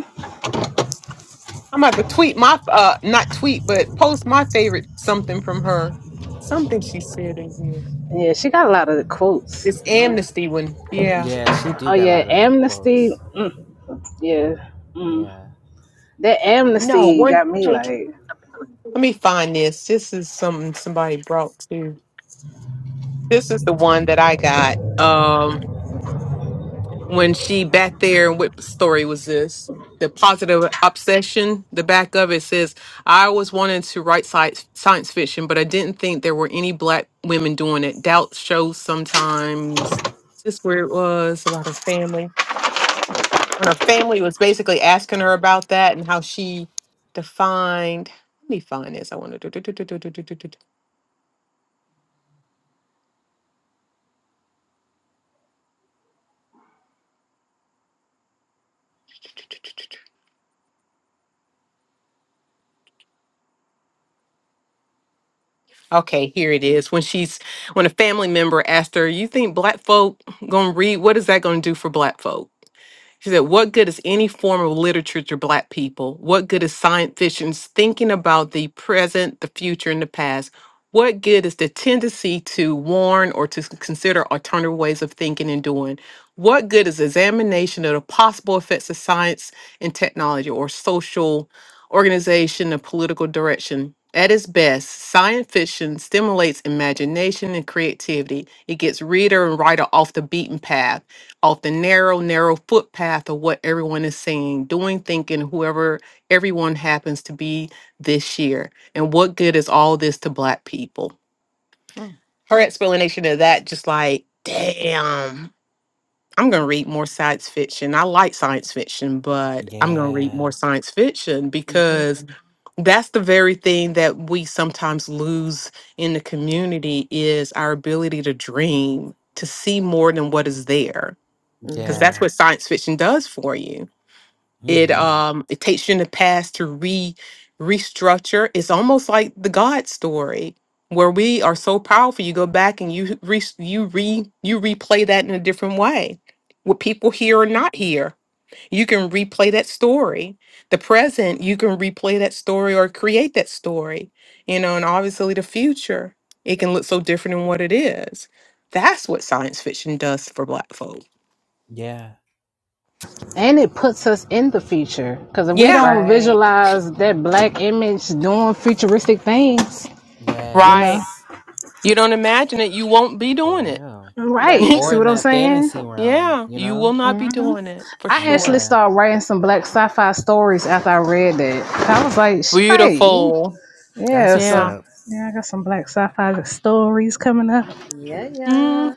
C: I'm about to tweet my uh not tweet but post my favorite something from her. Something she said in here.
E: Yeah, she got a lot of quotes.
C: This
E: Yeah.
C: amnesty one. Yeah.
A: Yeah, she do
E: Oh
A: get a
E: yeah,
A: lot of
E: amnesty.
A: quotes.
E: Mm, yeah. Mm.
A: Yeah.
E: That
C: No,
E: amnesty
C: one
E: got me
C: take
E: like.
C: let me find this. This is something somebody brought too. This is the one that I got. um, when she back there and what story was this? The positive obsession, the back of it says, I always wanted to write science, science fiction, but I didn't think there were any black women doing it. Doubt shows sometimes. Is this where it was about her family? When her family was basically asking her about that and how she defined. Let me find this. I want to. Okay, here it is. When she's when a family member asked her, "You think black folk gonna read? What is that gonna do for black folk?" She said, What good is any form of literature to Black people? What good is science fiction's thinking about the present, the future, and the past? What good is the tendency to warn or to consider alternative ways of thinking and doing? What good is examination of the possible effects of science and technology or social organization and political direction? At its best, science fiction stimulates imagination and creativity. It gets reader and writer off the beaten path off the narrow, narrow footpath of what everyone is saying, doing, thinking, whoever everyone happens to be this year. And what good is all this to Black people? Her explanation of that, just like, damn, I'm going to read more science fiction. I like science fiction, but I'm going to read
A: Yeah.
C: more science fiction
D: Mm-hmm.
C: because that's the very thing that we sometimes lose in the community is our ability to dream, to see more than what is there because
D: hmm
C: that's
A: Yeah.
C: what science fiction does for you. It
A: Mm-hmm.
C: um it takes you in the past to re restructure. It's almost like the God story where we are so powerful. You go back and you re you re you replay that in a different way. What people hear or not hear, you can replay that story. The present, you can replay that story or create that story. You know, and obviously the future, it can look so different than what it is. That's what science fiction does for Black folk.
A: Yeah.
E: And it puts us in the future. Because if we
C: Yeah,
E: don't
D: Right.
E: visualize that black image doing futuristic things, you
C: right.
E: know.
A: Yes.
C: You don't imagine it, you won't be
A: For
C: doing it.
A: real.
D: That's
E: Right.
D: true.
A: Or
E: See
A: in
E: what I'm
A: that
E: saying?
A: fantasy realm,
C: yeah,
A: you
C: you will
A: know?
C: not be doing it for
E: I actually
C: sure.
A: Yeah.
E: started writing some black sci fi stories after I read that. I was like, right.
C: Beautiful.
A: That's
E: Yeah,
A: what's
E: so
C: Yeah.
A: up.
E: yeah, I got some black sci fi stories coming up.
D: Yeah,
C: hmm
D: yeah.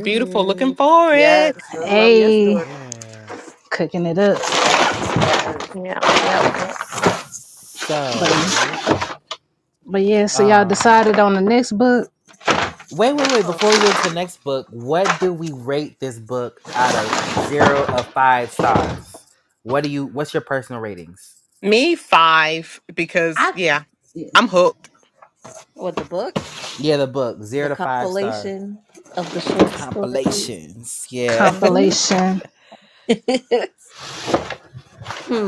C: Beautiful. Looking for
D: Yes.
C: it.
D: I love your story.
E: Hey,
A: Yeah.
E: cooking it up.
D: Yes.
C: Yeah, yeah, yeah.
E: But,
A: So,
E: but yeah, so
D: Yeah.
E: y'all
A: um,
E: decided on the next book.
A: wait, wait,
D: No.
A: wait. Before we get into the next book, what do we rate this book out of zero of five stars? What do you, what's your personal ratings?
C: Me five because
E: I
C: yeah,
E: yeah,
C: I'm hooked.
D: What the book?
A: Yeah, the book,
D: The
A: zero to five stars.
D: compilation of the short stories.
A: compilations. Yeah.
C: hmm
E: compilation.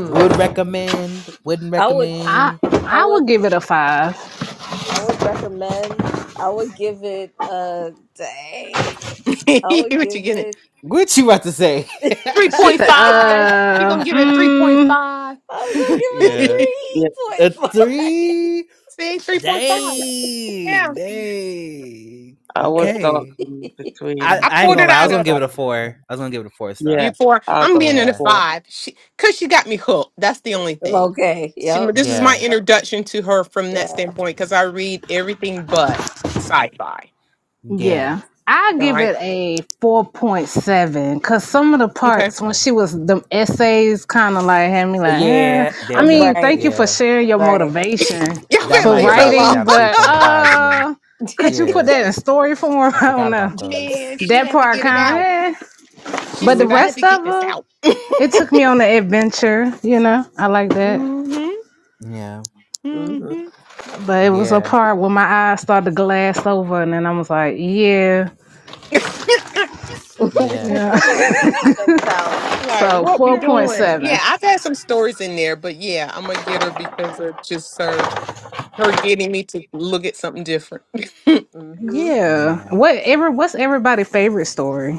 A: Would recommend, wouldn't
D: I would
E: I
A: recommend.
D: I
E: I would
D: would
E: give it a five.
D: I would recommend I would give it a dang. I would
C: what you
D: give
C: getting?
D: it
A: What you about to say?
C: Three
E: She
C: point
E: said,
C: five. She gonna
E: uh,
C: give it three point
E: mm,
C: five.
D: I was gonna give it a
A: yeah.
D: three
B: Yeah,
A: A
D: point five.
A: three?
C: See, three point five.
A: Dang.
C: Yeah,
A: Dang.
B: I was
A: Okay.
B: dancing
A: I,
B: between
C: I
A: I ain't
C: pulled
B: three
A: gonna
C: it
A: lie, I was
C: out
B: four
C: of
A: gonna
C: her.
A: give it a
B: five.
A: four. I was gonna give it a four
B: Yeah,
C: You
A: star.
C: four.
B: I'll
C: I'm
B: go
C: being
B: for
C: at a
A: Yeah.
B: four.
C: five. She, cause she got me hooked. That's the only thing.
D: Okay.
C: She,
D: Yep.
C: this is my
A: Yeah.
C: introduction to her from that
D: Yeah.
C: standpoint. Cause I read everything but sci-fi.
D: Yeah.
A: Yeah.
E: yeah. I
C: All
E: give
C: right.
E: it a 4.7 because some of the
C: Okay.
E: parts when
A: Okay.
E: she was, the essays kind of like had me
A: Uh,
E: like, eh.
A: Yeah, there
E: I
A: we
D: Agree.
E: mean,
A: go.
E: thank you for
A: Yeah.
E: sharing your
D: Right.
E: motivation
C: Y'all
A: That
C: better
E: for
A: might
C: leave her
A: drop it
C: alone.
E: writing,
A: down to three
E: but
A: point five to me.
E: uh, could you put
A: Yeah.
E: that in story form?
A: I
E: I don't
A: forgot
E: know.
A: about those.
C: Man, she
E: That
C: had to
E: part
C: get it
A: Yeah.
C: out.
E: kind of, eh.
C: She
E: But the
C: said, I had to
E: rest of
C: get this
E: it,
C: out.
E: it took me on an adventure, you know? I like that.
C: hmm
A: Yeah,
C: hmm
D: Mm-hmm.
E: But it was a
A: yeah,
E: part where my eyes started to glass over and then I was like, yeah.
A: yeah,
E: Yeah.
D: Checked out.
C: Like,
E: So
C: what we
E: four
D: Checked
E: point
D: out.
C: doing?
E: seven.
C: Yeah, I've had some stories in there, but yeah, I'm gonna get her because of just her her getting me to look at something different.
D: mm hmm
E: Yeah.
A: yeah.
E: What ever? What's everybody's favorite story?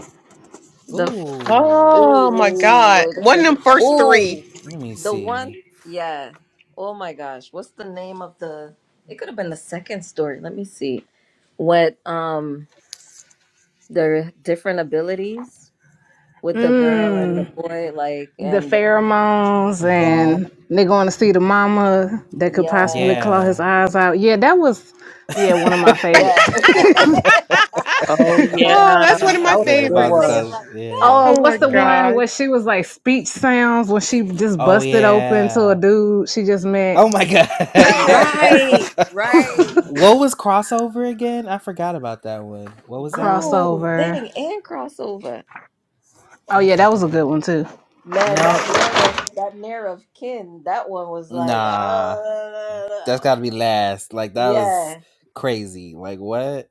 D: The.
A: Ooh,
C: Oh my
D: Oh
C: God.
D: wait a
C: One of
D: second.
C: them first three.
D: Oh,
A: let me
D: the one.
A: see.
D: Yeah. Oh my gosh, what's the name of the? It could have been the second story. Let me see. What um their different abilities with the girl
E: Mm,
D: and the boy, like
E: the
D: and the,
E: pheromones
D: yeah,
A: Mm-hmm.
E: and they going to see the mama that could
D: yeah,
E: possibly claw his
A: Yeah.
E: eyes out. Yeah, that was yeah one of my favorites.
D: yeah.
B: Oh
D: I
B: yeah,
D: mean,
C: oh, that's
B: that
C: one of
D: I
C: my
B: was
D: mean,
A: like
B: a
A: a
D: when
B: good
D: you say
C: favorites.
D: it
B: one.
A: popsicle.
D: like that,
A: Yeah,
E: oh,
C: Oh
E: what's
C: my
E: the
A: right.
E: one
C: God.
E: where she was like speech sounds when she just
A: Oh,
E: busted open to a
A: yeah.
E: dude she just
A: Oh
E: met
A: my god. Yeah.
D: right, right.
A: what was crossover again? I forgot about that one. What was that one?
D: Whoa,
E: crossover.
D: dang, and crossover.
E: Oh
A: I
E: yeah, that was a good
A: forgot.
E: one too.
D: Man,
A: No,
D: that narrow, that narrow of kin, that one was like,
A: nah. That's
D: oh,
A: got to be last. Like that was
D: yeah.
A: crazy. Like what?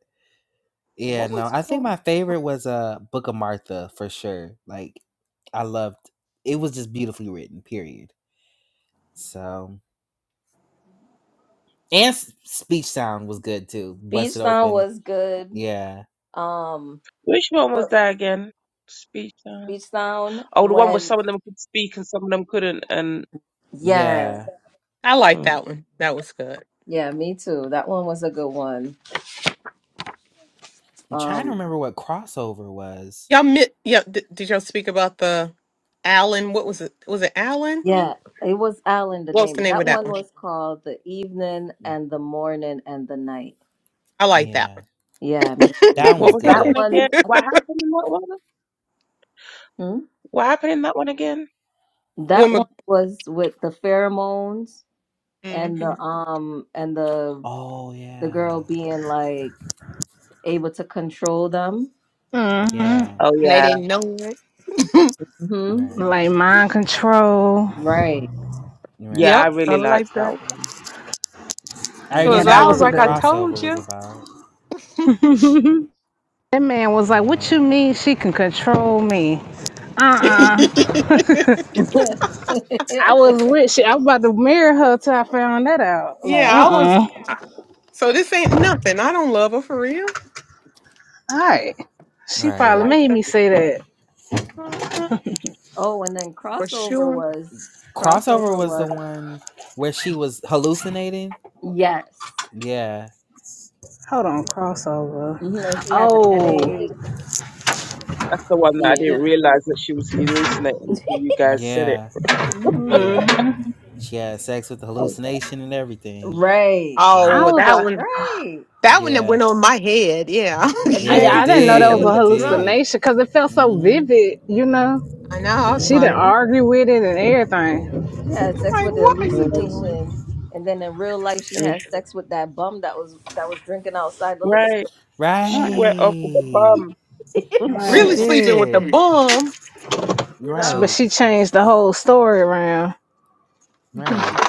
A: Yeah,
D: What
A: no,
D: was
A: I think
D: cool?
A: my favorite was uh Book of Martha for sure. Like I loved it was just beautifully written, period. So and s- speech sound was good too.
D: Speech
A: Busted
D: Sound
A: open.
D: was good.
A: Yeah.
D: Um,
B: Which one was
D: what
B: that again? Speech. uh,
D: Speech Sound
B: Oh, the one where
D: when?
B: some of them could speak and some of them couldn't. And
D: Yeah,
A: Yeah.
C: I like
B: mm.
C: that one. That was good.
D: yeah, me too. That one was a good one.
A: I'm trying to
D: Um,
A: remember what crossover was.
C: Y'all, mi- yeah, d- did y'all speak about the Allen? What was it? Was it Allen?
D: yeah, it was Alan the
C: What was the
D: name.
C: name
D: That
C: of that
D: one
C: one?
D: was called the evening and the morning and the night.
C: I like that
A: Yeah.
D: Yeah, me
C: one.
D: too. I
A: That one
B: what
D: think
A: was
B: was that
D: that
B: one
A: good.
D: one.
B: again?
D: I think
B: What happened in that one?
D: hmm?
B: What happened in that one again?
D: that one
C: Woman,
D: was with the pheromones
C: Mhm.
D: and the um and the
A: Oh
D: the girl
A: yeah.
D: being like able to control them.
A: Yeah.
B: Oh
C: and they
B: yeah,
C: didn't know it.
D: hmm
A: Right.
E: Like mind control.
D: Right.
B: yeah,
A: Right.
B: I
C: yep, I
B: really
C: like
B: liked that
C: that.
B: one.
A: I
D: And
E: Yeah,
C: Cause
A: just
E: that
C: I was
A: remembered
E: was a
A: what
C: like, I
E: good one.
C: told
A: crossover was
C: you.
A: about.
E: That man was like, "What
A: Yeah.
E: you mean she can control me?" Uh uh
D: then
E: I was with she. I was about to marry her till I found that out. Like, uh
C: yeah,
E: uh
C: I was.
E: All
C: So this ain't nothing. I don't love her for real.
E: right. She probably
A: Right.
C: Like
E: made
C: that.
E: me say that.
C: Mhm.
D: oh, and then
C: For
D: crossover
C: sure.
D: was
A: Crossover
D: crossover
A: was the
D: was
A: one where she was hallucinating
D: yes.
A: Yeah,
E: Hold on, crossover.
D: hmm And she had the
E: Oh
D: headache.
B: That's the one that I didn't
E: yeah.
B: realize that she was hallucinating until you guys said it.
A: yeah,
D: hmm
E: hmm
A: yeah. She had sex with the
B: I was like,
A: hallucination and everything.
D: Right.
C: Oh,
E: I
C: well,
A: Like,
E: was
C: that
E: like,
C: one.
D: Right.
C: That one that
A: yeah,
C: went on my head. Yeah.
D: And
E: I,
D: then
A: yeah, it
E: I
D: had
E: didn't know that
D: sex
E: was
D: with
A: did,
B: "Mm,
E: a
A: it
D: the drunk.
A: did.
E: hallucination because it felt so
A: Mm-hmm,
E: vivid. You know,
C: I know. I was
D: And
E: she didn't
A: mm-hmm.
C: like, I'm
E: argue with it and everything.
D: she had sex
C: like,
D: with the
C: what are you
B: mm,
C: doing?
D: hallucination. And then in real life, she
B: mm."
D: had sex with that bum that was that was drinking outside the liquor
B: right,
D: store.
B: she
E: Right.
B: went off with the
A: Right,
B: bum.
C: You
A: she
C: really
E: Right.
C: sleeping with the
A: did.
C: bum?
D: You know.
E: But
A: Right,
E: she changed the whole story around.
A: right.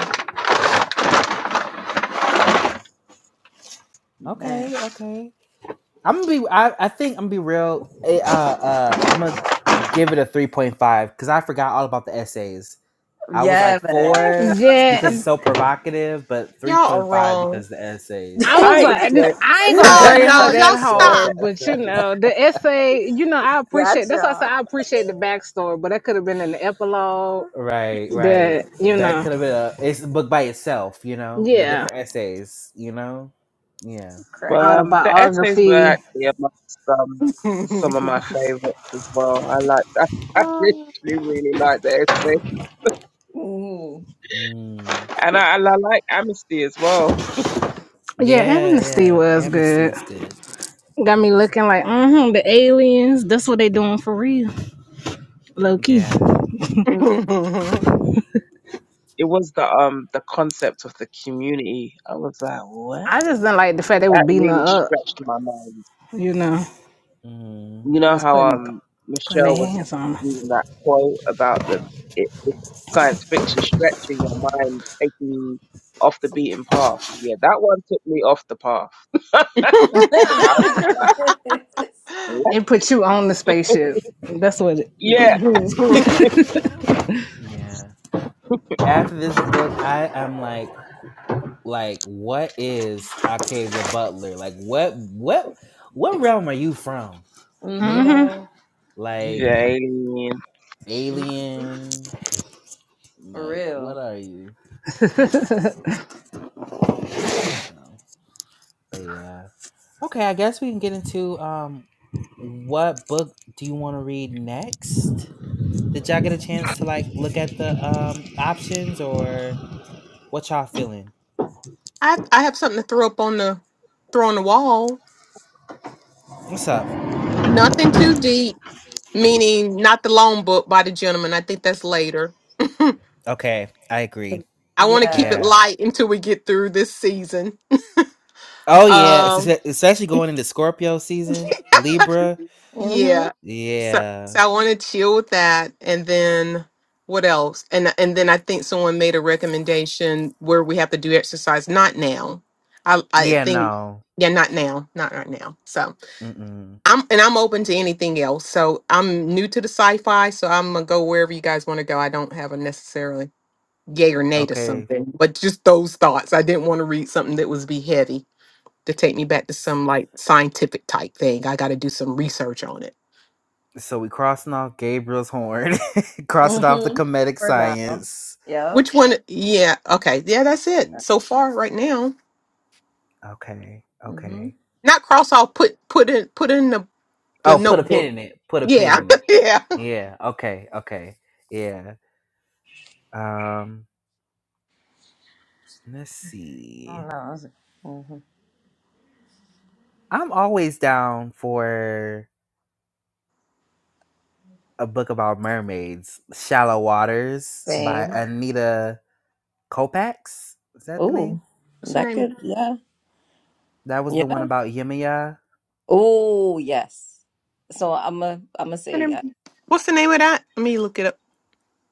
A: So,
D: man.
A: okay, okay. I'm gonna be. I, I think I'm gonna be real. eh, Uh, uh, I'm gonna give it a three point five because I forgot all about the essays. I was
D: Yeah,
A: like
D: man.
B: Yeah,
A: four
E: Yeah,
A: because it's so provocative, but three
C: Y'all are
A: point five because
C: wrong.
A: the essays.
E: I
B: I
E: was
A: Because
E: like, n-
B: enjoyed.
E: I ain't
B: I
E: gonna
C: No,
E: grade her
C: no,
B: actually
E: that
C: y'all
B: enjoyed
C: stop.
B: the
E: hard, but you
B: essays.
E: know, the essay, you know, I appreciate. That's why I
D: gotcha.
E: said I appreciate the backstory, but that could have been in the epilogue.
A: right, right,
E: That you
A: that
E: know,
A: could have been a it's a book by itself. You know, the
E: yeah,
A: different essays. You know, yeah,
B: Well,
D: Cracking up.
B: um, the essays were
E: autobiography.
B: actually amongst um
C: I
B: some of my favorites as well. I like I, I really, really like the essay,
D: Mm.
A: mm.
B: and I, and I like Amnesty as well.
E: Yeah,
A: yeah,
E: Amnesty
A: yeah.
E: was
A: Amnesty
E: good.
A: was good.
E: Got me looking like, mm-hmm, the aliens. That's what they doing for real, low key.
A: Yeah,
B: It was the um the concept of the community. I was like, what?
E: I just didn't like the fact they were
B: That
E: beating
B: really
E: her up.
B: stretched my mind.
E: You know,
A: mm.
B: You
E: it
B: know
E: was
B: how
E: putting
B: um
E: putting their
B: Michelle was
E: hands on her.
B: using that quote about the it the science fiction stretching your mind, taking you off the beaten path. Yeah, that one took me off the path because I was like, what?
E: It put you on the spaceship. That's what. It,
B: Yeah,
E: yeah.
A: yeah. After this book, I am like, like, what is Octavia Butler? Like, what, what, what realm are you from? you
D: hmm
A: know,
B: yeah,
A: like
B: alien.
D: hmm
A: aliens,
D: For
A: like what
D: real.
A: are you? So, but yeah. Okay, I guess we can get into um what book do you want to read next? Did y'all get a chance to like look at the um options or what y'all feeling?
C: I have something to throw up on the throw on the wall.
A: What's up?
C: Nothing too deep, meaning not the loan book by the gentleman. I think that's later.
A: Okay, I agree.
C: I want to keep it
D: Yeah.
A: Yeah.
C: light until we get through this season.
A: Oh yeah, es-
C: Um,
A: es- especially going into Scorpio season, Libra.
D: hmm
C: yeah. So,
A: Yeah.
C: so I want to chill with that, and then what else? And and then I think someone made a recommendation where we have to do exercise. Not now. I I
A: Yeah,
C: think
A: no.
C: yeah, not now, not right now. So
A: Mm-mm.
C: I'm and I'm open to anything else. So I'm new to the sci-fi, so I'm gonna go wherever you guys want to go. I don't have a necessarily yay or nay to
A: Okay.
C: something, but just those thoughts. I didn't want to read something that was be heavy to take me back to some like scientific type thing. I got to do some research on it.
A: So we crossing off Gabriel's horn, crossing off the
D: hmm
A: comedic
D: For now.
A: science.
D: Yep.
C: Which one? Yeah, okay, yeah, that's it so far right now.
A: Okay,
D: Mm-hmm.
A: okay.
C: Not cross off. Put put in put in the the
A: Oh, put a pin
C: notebook.
A: in it. Put a pin
C: Yeah,
A: in it.
C: yeah.
A: Yeah. Okay. Okay. Yeah. Um. Let's see.
D: Mm-hmm.
A: I'm always down for a book about mermaids. Shallow Waters by
D: Same.
A: Anita Kopax. Is that the name?
D: Ooh.
C: What's her
D: That
C: name?
D: could yeah.
A: That was the
D: Yeah.
A: one about Yemaya.
D: Oh yes. So I'm a I'm gonna
C: Her
D: say yeah.
C: name- What's the name of that? Let me look it up.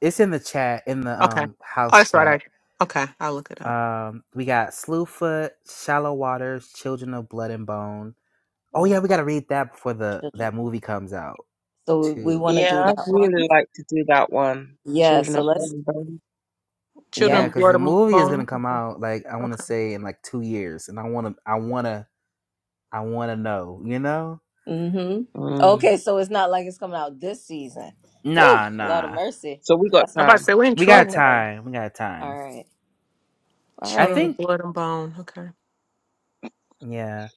A: It's in the chat in the
C: Okay.
A: um
C: Oh,
A: house
C: that's right.
A: chat.
C: I, okay, I'll look it up.
A: Um, we got Slewfoot, Shallow Waters, Children of Blood and Bone. Oh yeah,
D: Oh
A: we gotta read that before the
D: children.
A: that movie comes out
D: So we
A: too.
D: wanna
B: Yeah,
D: do
B: I'd
D: that
B: really
D: one?
B: like to do that one.
D: Yeah,
B: Children
D: so
B: of
D: let's
B: Bodom.
D: yep.
C: Children
A: Yeah,
C: of
A: because
C: Blood
A: the
C: and
A: movie is gonna
C: Bone.
A: come
C: Okay.
A: out like I want to
C: okay.
A: say in like two years, and I wanna, I wanna, I wanna know. You know?
D: hmm
B: Mm.
D: Okay, so it's not like it's coming out this season. Oh,
A: Nah,
D: Lord of
A: nah.
D: mercy.
B: So we got
D: That's
C: I
B: time.
C: about to say we're in
A: We got
C: trouble.
D: okay.
A: time. We got time.
D: All right. All
A: I
C: Children
D: righty.
C: of
A: think.
C: Blood and Bone. Okay.
A: Yeah,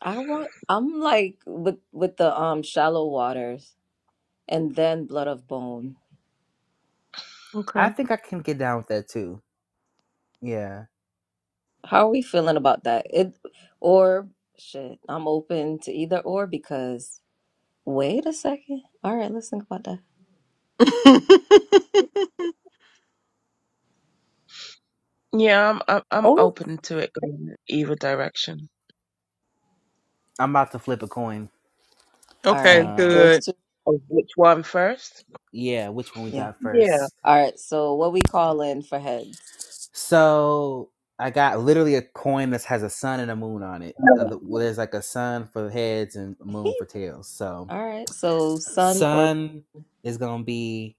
D: I want I'm like with with the um shallow waters and then blood of bone.
C: Okay.
A: I think I can get down with that too. Yeah,
D: How are we feeling about that? It or shit, I'm open to either or because wait a second. All right, let's think about that.
B: Yeah, I'm I'm, I'm
D: Oh.
B: open to it going either direction.
A: I'm about to flip a coin.
D: All
C: okay,
D: right.
A: Um,
D: Those
C: good.
D: two.
B: Oh, which one first?
A: yeah, which one we
D: Yeah.
A: got
B: Yeah.
A: first?
D: All right. So what we call in for heads.
A: So I got literally a coin that has a sun and a moon on it. Uh, the- well, There's like a sun for heads and moon for tails. So
D: All right. So sun or
A: sun is gonna be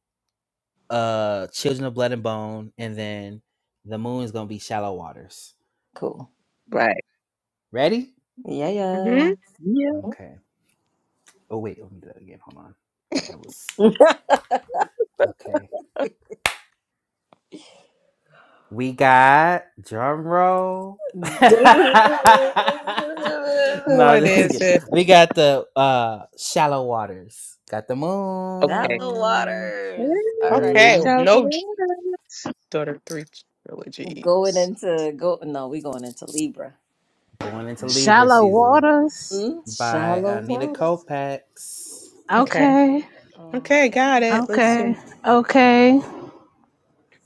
A: uh children of blood and bone, and then the moon is gonna be shallow waters.
D: cool.
B: Right.
A: Ready?
D: Yeah, yeah.
C: hmm
B: Yeah.
A: Okay. Oh wait, let me do that again. Hold on. That was okay. We got drum roll. no,
C: What
A: this is
C: is
A: good.
C: it?
A: we got the uh shallow waters. Got the
B: Okay.
D: Shallow
A: moon.
B: Hey,
D: waters. All right.
C: Okay,
A: Mm,
B: shallow
C: no J-
B: waters.
C: daughter three
D: Going
C: trilogies.
D: into go no, we going into Libra.
A: going into Libra
E: Shallow
A: season
E: waters.
D: Mm,
A: by
D: shallow
A: Anita
D: waters.
A: Kopex.
C: Okay,
E: Okay.
B: All
C: okay, got
B: right.
C: it. Let's see.
E: Okay. Okay.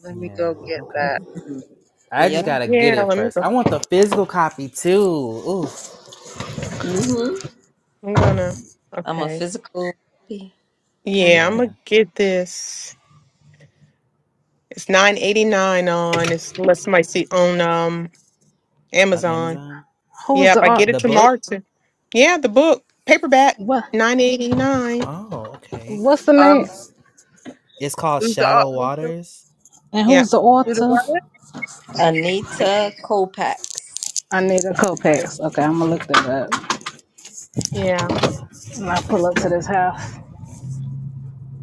B: Let me go
A: Yeah,
B: get that.
A: okay.
D: Mhm.
A: I just
D: Yep.
A: gotta get
C: Yeah,
A: it
C: let me
A: first.
C: go.
A: I want the physical copy too. Ooh, okay.
D: Mm-hmm.
C: I'm gonna.
D: I'm a
C: Okay,
D: physical kind of
C: yeah, I'm
D: person.
A: Yeah,
C: gonna get this. It's nine eighty nine on. It's unless somebody see on um
A: on
C: Amazon.
A: Amazon.
E: Who's
C: Yep,
E: the
C: I
E: art?
C: get it
A: The book.
C: tomorrow too. Yeah, the book paperback
E: What?
C: nine eighty nine.
A: Oh, okay.
E: What's the name?
B: Um,
A: It's called
B: who's the au-
A: Shallow
B: who's the
A: Waters
E: And
C: Yep.
E: who's the
B: who the
E: author?
B: writer?
D: Anita Kopax.
E: I need a Copex. Okay, I'm gonna look that up.
C: Yeah.
E: When I pull up to this house.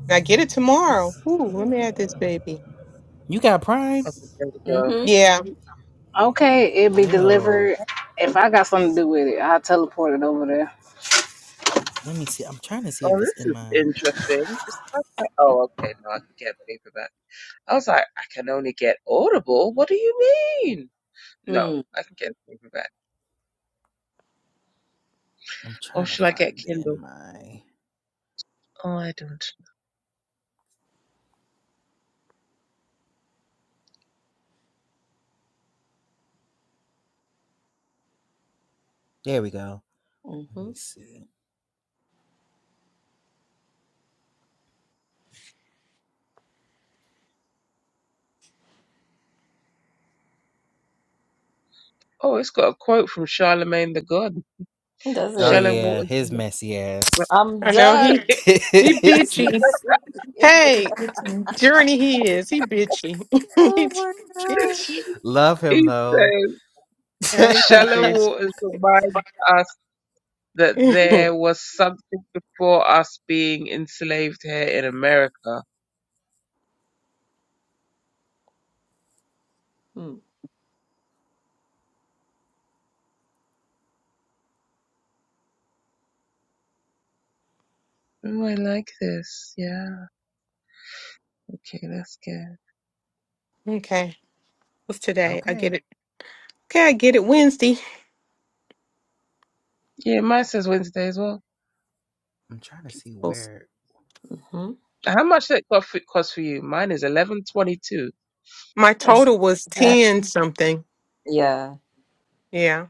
C: I get it tomorrow. Ooh, let me add this baby.
A: You got Prime?
B: Okay, there we go.
D: Mm-hmm.
C: Yeah,
E: Okay, it'll be
A: Yo,
E: delivered. If I got something to do with it, I'll teleport it over there.
A: let me see. I'm trying to see if
B: Oh,
A: it's
B: this
A: in
B: is
A: my.
B: interesting. It's not that. Oh, okay. No, I can get paperback. I was like, I can only get Audible. What do you mean? No,
D: Mm.
B: I can get paperback.
A: I'm
B: Or
A: trying to
B: should I get
A: find it in
B: Kindle?
A: my.
B: Oh, I don't.
A: There we go. Let
D: Mm-hmm.
A: me see.
B: Oh, it's got a quote from Charlemagne the God.
D: Does
A: Oh
D: it.
B: Shallow
A: yeah,
B: waters.
A: his messy ass.
D: I'm
C: I know
D: done.
C: he he bitchy. Hey, journey he is. He bitchy.
D: oh
C: he
D: my
C: bitchy.
D: gosh.
A: Love him
B: He
A: though.
B: says,
A: okay,
C: Yeah, he's too
B: Shallow
C: bitchy.
B: waters remind us that there was something before us being enslaved here in America. Oh, I like this. Yeah. Okay, that's good.
C: okay, what's today? I get it. Okay, I get it Wednesday.
B: Yeah, mine says Wednesday as well.
A: I'm trying to see where
D: Mm-hmm.
B: How much did it cost for cost for you? Mine is eleven twenty-two.
C: My
D: That's,
C: total was
D: that-
C: ten something.
D: yeah.
C: Yeah,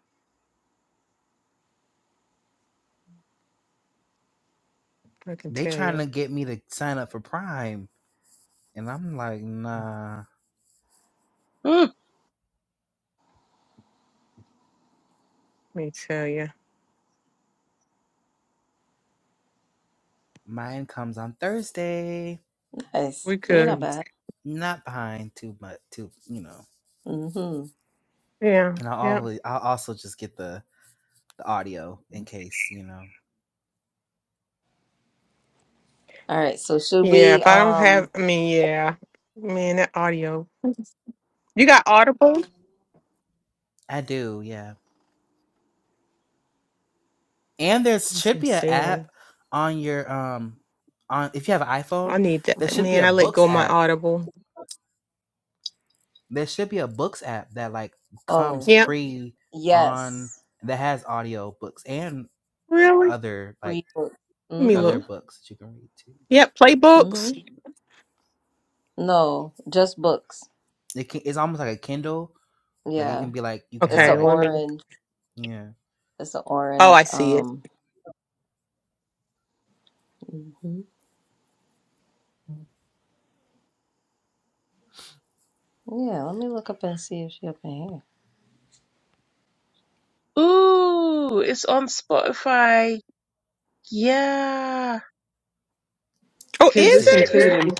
C: I can
A: they
C: tell
A: trying to
C: you.
A: get me to sign up for Prime, and I'm like,
C: Let
A: nah.
B: Hmm.
C: me tell you.
A: Mine comes on Thursday.
D: Nice.
C: We
D: So you're not
C: could.
D: bad.
A: Not behind too much. Too you know.
D: Mm-hmm.
C: Yeah.
A: And I
C: yeah,
A: always. I will also just get the the audio in case you know.
D: All right. So should
C: Yeah.
D: we
C: If I don't
D: um
C: have, I mean, yeah. Man, that audio. You got Audible?
A: I do, yeah. And there should
C: Some
A: be an app
C: sale.
A: on your um on if you have an
C: I
A: iPhone,
C: need
A: there
C: that.
D: hmm
A: should be
C: Man,
A: a
C: I let go
A: books
C: of my
A: app.
C: Audible.
A: There should be a books app that like
D: oh
A: comes
C: Yeah,
A: pre on
D: yes.
A: that has audio books and
C: really?
A: other like
D: Free book.
C: Let me
A: other
C: look.
D: Mm-hmm.
A: books that you can read too.
C: Yep,
D: Mm-hmm.
C: playbooks.
D: No, just books.
A: It can, it's almost like a Kindle. Like it
D: Yeah.
A: can be like you can
D: It's
A: have
D: an
C: Okay,
A: like
C: let me.
D: orange.
A: yeah.
D: It's an
C: Oh,
D: orange.
C: I see it.
D: Um hmm yeah, let me look up and see if she up in here.
B: Ooh, it's on Spotify. Yeah,
C: Oh,
B: because
A: Is
C: is
B: it's
C: it?
A: it?
B: included in
C: Okay,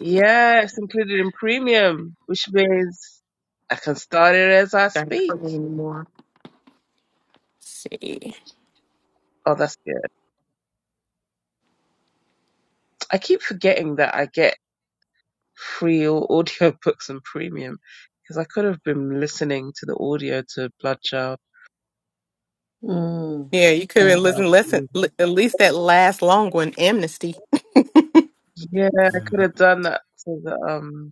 B: yeah, it's included in premium, which means I can start it as I
C: I don't
B: speak.
C: anymore. see.
B: Oh, that's good. I keep forgetting that I get free au- audio books and premium because I could have been listening to the audio to Bloodchild.
D: Mm.
C: Yeah, you
B: And,
C: couldn't listen. Listen,
B: um,
C: li- at least that last long one, Amnesty.
B: yeah, I could
A: Mhm.
B: have done that for the um,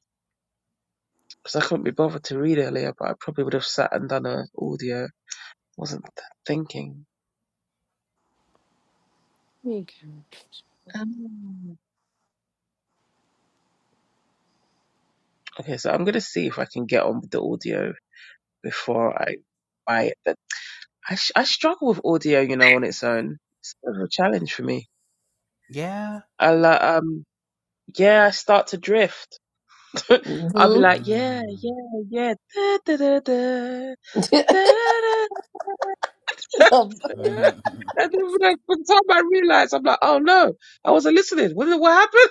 B: because I couldn't be bothered to read earlier, but I probably would have sat and done a audio. Wasn't th- thinking.
C: Okay.
B: Um, okay, so I'm gonna see if I can get on with the audio before I buy it. But I sh- I struggle with audio, you know, on its own. It's a bit of a challenge for me.
A: Yeah.
B: I like um. Yeah, I start to drift. I'll be
D: Mm-hmm.
B: like, yeah,
A: Mhm.
B: yeah, yeah, da da da da, da da da. and then when I, by the time I realized, I'm like, oh no, I wasn't listening. What, what happened?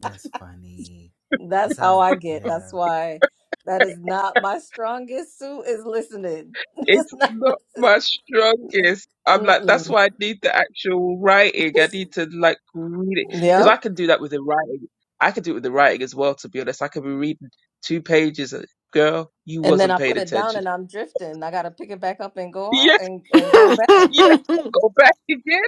A: That's funny.
D: That's
A: That's how.
D: how
A: I,
D: I get. That's
A: yeah,
D: why that is not my strongest suit is listening. It's
B: It's
D: not
B: not my
D: listening.
B: strongest. I'm like, that's
D: Mm-mm.
B: why I need the actual writing. I need to like read it because
D: Yeah.
B: I can do that with the writing. I can do it with the writing as well. To be honest, I can be reading two pages. And, Girl, you
D: And then
B: wasn't
D: I
B: paying
D: put it down
B: attention.
D: and I'm drifting. I gotta pick it back up and go out
B: Yes,
D: and, and go
C: oh
D: back.
B: yes,
C: my
B: go back again.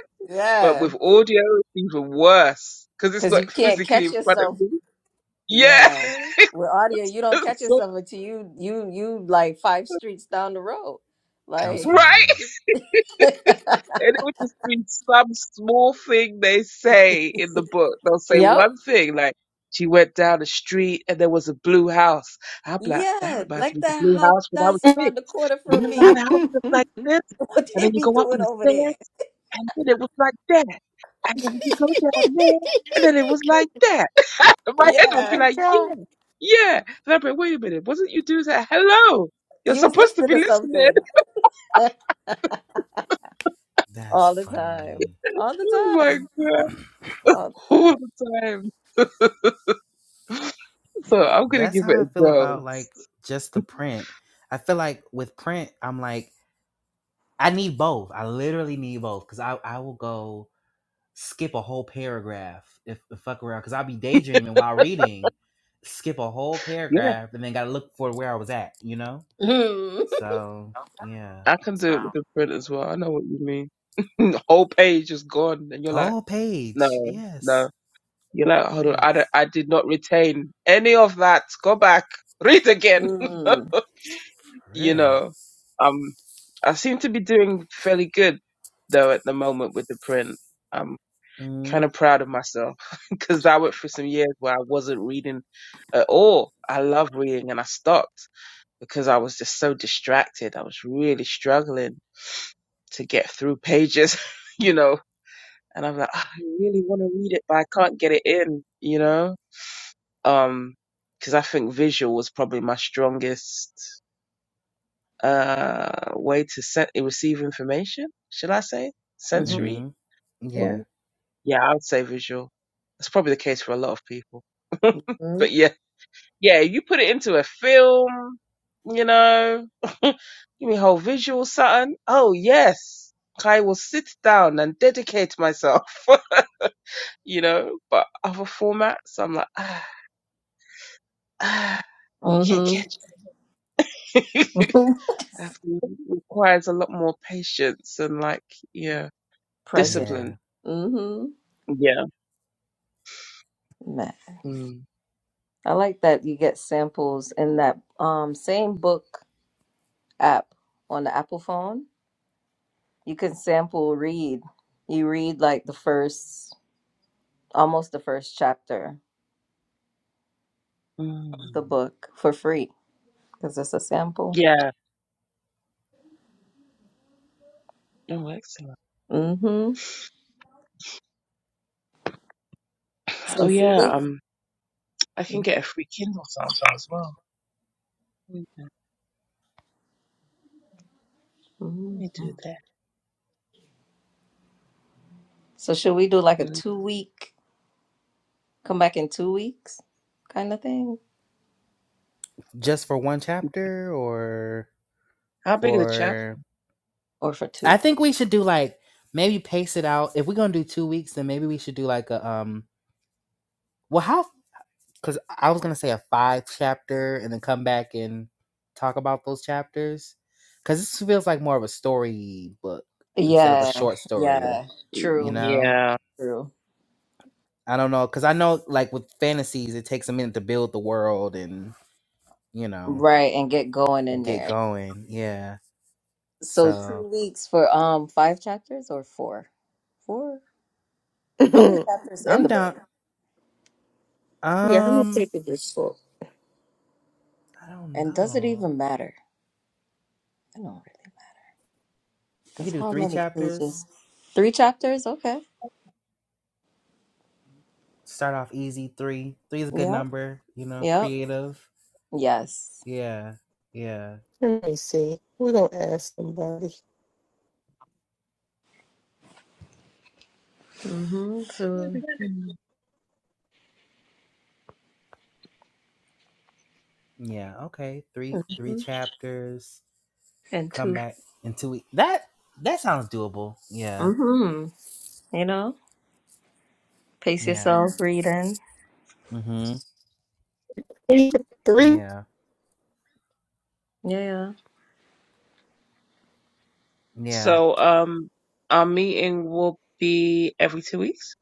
B: But
D: Yeah.
B: with audio, it's even worse because it's
D: Cause
B: not
D: you can't
B: physically
D: catch
B: in front of
D: yourself.
B: me. Yeah.
D: Yeah. With audio, you don't catch
B: So-
D: yourself until you you you like five streets down the road.
A: I'm
D: Like
B: right?
A: screaming.
B: And it would just be some small thing they say in the book. They'll say
D: Yep.
B: one thing, like, she went down the street and there was a blue house. I'm like, that
D: Yeah.
B: reminds
D: Like
B: me of the
D: that
B: blue
D: house
B: house when I was
D: that's around
B: six.
D: the corner from
B: Remember how
D: me.
B: the house was like this?
D: What
B: And
D: they
B: then you
D: be
B: go up
D: doing
B: in the
D: over there.
B: stairs and then it was like that. And then when you go down there and then it was like that. And my head would be
D: Yeah.
B: like,
C: god.
B: yeah, yeah. And I'd be like, wait a minute, wasn't you doing that? Hello. You're
D: You was
B: supposed to
D: listening
B: be
D: to
B: listening.
D: something.
A: That's
D: All the time.
A: funny.
D: All the
B: Oh my
D: time.
B: God.
D: All the
B: All the time.
D: time,
B: So
D: man.
B: I'm gonna
A: That's
B: give it
A: how I
B: a
A: feel
B: go.
A: about like just the print. I feel like with print, I'm like I need both. I literally need both because I I will go skip a whole paragraph if, if fuck around because I'll be daydreaming while reading, skip a whole
B: Yeah,
A: paragraph and then gotta look for where I was at. You know. So yeah,
B: I can do it with the print as well. I know what you mean. The whole page is gone, and you're like,
A: whole
B: no,
A: page. Yes,
B: no. You're like, hold on, I, don't-
A: yes,
B: I did not retain any of that. Go back, read again.
D: Mm. Mm.
A: for
B: you
A: real.
B: know, um, I seem to be doing fairly good though at the moment with the print. I'm kind of
A: Mm-hmm.
B: proud of myself because I went for some years where I wasn't reading at all. I love reading, and I stopped. because I was just so distracted. I was really struggling to get through pages, you know. And I'm like, "Ah, I really want to read it, but I can't get it in, you know. Um, because I think visual was probably my strongest uh way to send receive information. Should I say sensory
A: Yeah,
B: way? Yeah, I would say visual. That's probably the case for a lot of people.
D: Mm-hmm.
B: but yeah. yeah, you put it into a film, you know, give me a whole visual something. Oh yes, I will sit down and dedicate myself, you know. But other formats, I'm like, ah, ah can't
D: Mm-hmm.
B: catch. it." I have to, it requires a lot more patience and like, yeah,
D: present.
A: yeah.
B: discipline.
D: Mm-hmm.
B: Yeah.
D: Math.
B: Mm.
D: I like that you get samples in that um same book app on the Apple phone. You can sample read. You read like the first, almost the first chapter of the
B: Mm.
D: book for free because it's a sample.
B: Yeah. Oh, excellent.
D: Mm-hmm.
B: Oh,
D: So should we?
B: yeah. Um, I can get a free Kindle sample as well. Let
D: hmm
B: me do
D: So should we do like a
B: that.
D: two week, come back in two weeks kind of thing?
A: Just for one chapter or
B: How big are the chap?
A: for
D: Or for
A: I
D: two?
A: think we should do like maybe pace it out. If we're going to do 2 weeks, then maybe we should do like a um well how cuz I was going to say a 5 chapter and then come back and talk about those chapters cuz this feels like more of a story book instead of a
D: Yeah,
A: short story,
D: yeah.
A: you
D: True,
A: know?
B: Yeah.
D: true.
A: I don't know cuz I know like with fantasies it takes a minute to build the world and, you know,
D: Right, and get going in
A: get
D: there.
A: going. Yeah.
D: So
A: So
D: two weeks for um five chapters or four? Four? How many chapters in
A: I'm
D: the book?
A: down.
C: yeah, how many
A: Um,
C: papers is this
A: I don't
D: And does it
A: know.
D: even matter? I don't really.
A: We
D: Because
A: could do
D: how
A: three
D: many
A: chapters.
D: pages? Three chapters? Okay.
A: Start off easy. Three. Three is a good
D: Yep.
A: number. You know,
D: Yep.
A: creative.
D: Yes.
A: Yeah. Yeah.
C: Let me see. We're gonna ask somebody.
D: Mm-hmm. So
B: Mhm.
A: Yeah. Okay. Three. Three
D: mhm.
A: chapters.
D: and
A: Come
D: two.
A: back in two weeks. That that sounds doable. Yeah.
D: Mm-hmm. You know? Pace
A: Yeah.
D: yourself reading.
A: Mm-hmm.
C: Three. Three.
A: Yeah.
D: Yeah. yeah.
A: Yeah.
B: So um, our meeting will be every two weeks.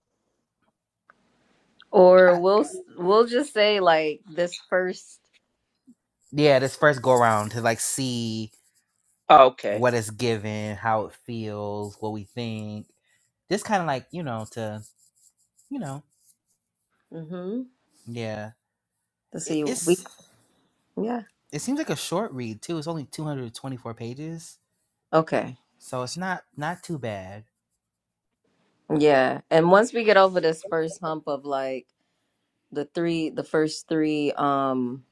D: Or
A: I,
D: we'll s-
B: Oh,
D: we'll just say like this 1st
A: yeah. This first go around to like see
B: okay.
A: what it's given, how it feels, what we think. Just kind of like you know to you know.
D: Mm-hmm.
A: Yeah
D: Let's
A: it,
D: see, week.
A: it's
D: Yeah.
A: it seems like a short read too. It's only 224 pages,
D: Okay.
A: so it's not not too bad.
D: Yeah. And once we get over this first hump of like the three the first three um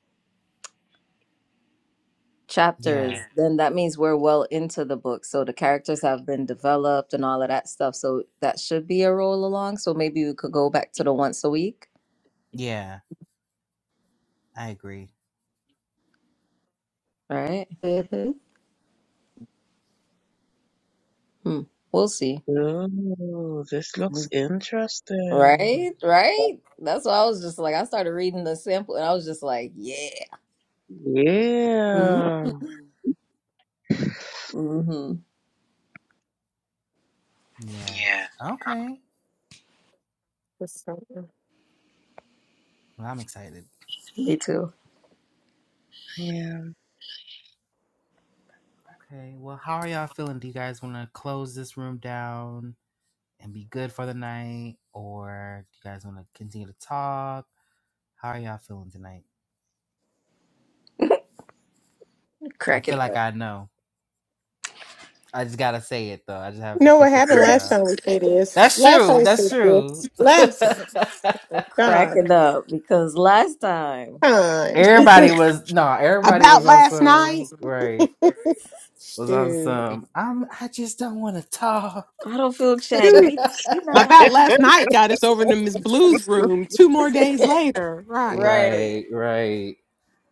D: chapters,
A: Yeah,
D: Yeah. then that means we're well into the book. So the characters have been developed and all of that stuff. So that should be a roll along. So maybe we could go back to the once a week,
A: yeah, I agree.
D: right?
C: Mm-hmm.
D: Hmm. We'll see.
B: Ooh, this looks
D: Mhm.
B: interesting.
D: Right? Right? That's why I was just like I started reading the sample and I was just like, yeah.
B: Yeah.
D: Mm-hmm.
A: Yeah.
D: Yeah.
A: Okay.
C: That's something.
A: Well, I'm excited.
D: Me too.
B: Yeah.
A: Okay. Well, how are y'all feeling? Do you guys want to close this room down and be good for the night, or do you guys want to continue to talk? How are y'all feeling tonight? I
D: Crack it
A: feel like I know. I just gotta say it though. I just have
C: You
A: to
C: know what
A: put the
C: happened
D: up.
A: filler
C: last
A: out.
C: time we did this?
A: That's
C: Last time
A: true.
C: we
A: That's
C: did
A: true.
C: this. Last time. Oh God.
D: cracking up because last time
C: Time.
A: Everybody was no, nah, everybody
C: About
A: was on
C: last night.
A: some right. Was on
C: Shoot.
A: some. I'm. I just don't want to talk.
D: I don't feel chatty.
C: Shoot.
D: We not, we not
C: About last night got us over to Miss Blue's room two more days later. Right.
D: right.
A: right, right.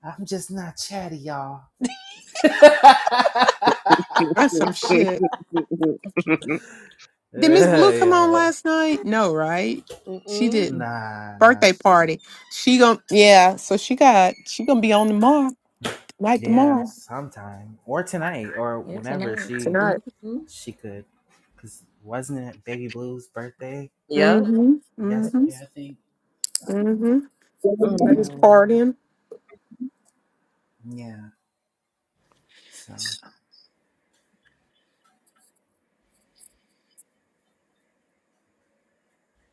A: I'm just not chatty, y'all. yeah,
C: That's some shit. Did Miss Blue come on
A: yeah.
C: last night? No, right? She
D: Mm-mm.
C: didn't.
A: Nah, nah,
C: Birthday
A: she didn't.
C: party. She gon' yeah, so she got she gonna be on tomorrow. Like
A: Yeah,
C: tomorrow.
A: sometime or tonight or
D: Here
A: whenever
D: tonight.
A: she
C: tonight.
D: Mm-hmm.
A: she could, cause wasn't it Baby Blue's birthday
D: Yep. Yeah,
C: Mm-hmm. Mm-hmm.
A: yesterday? I think.
C: Mm-hmm. I
A: Yeah,
C: was
B: Mm.
C: partying.
A: yeah. So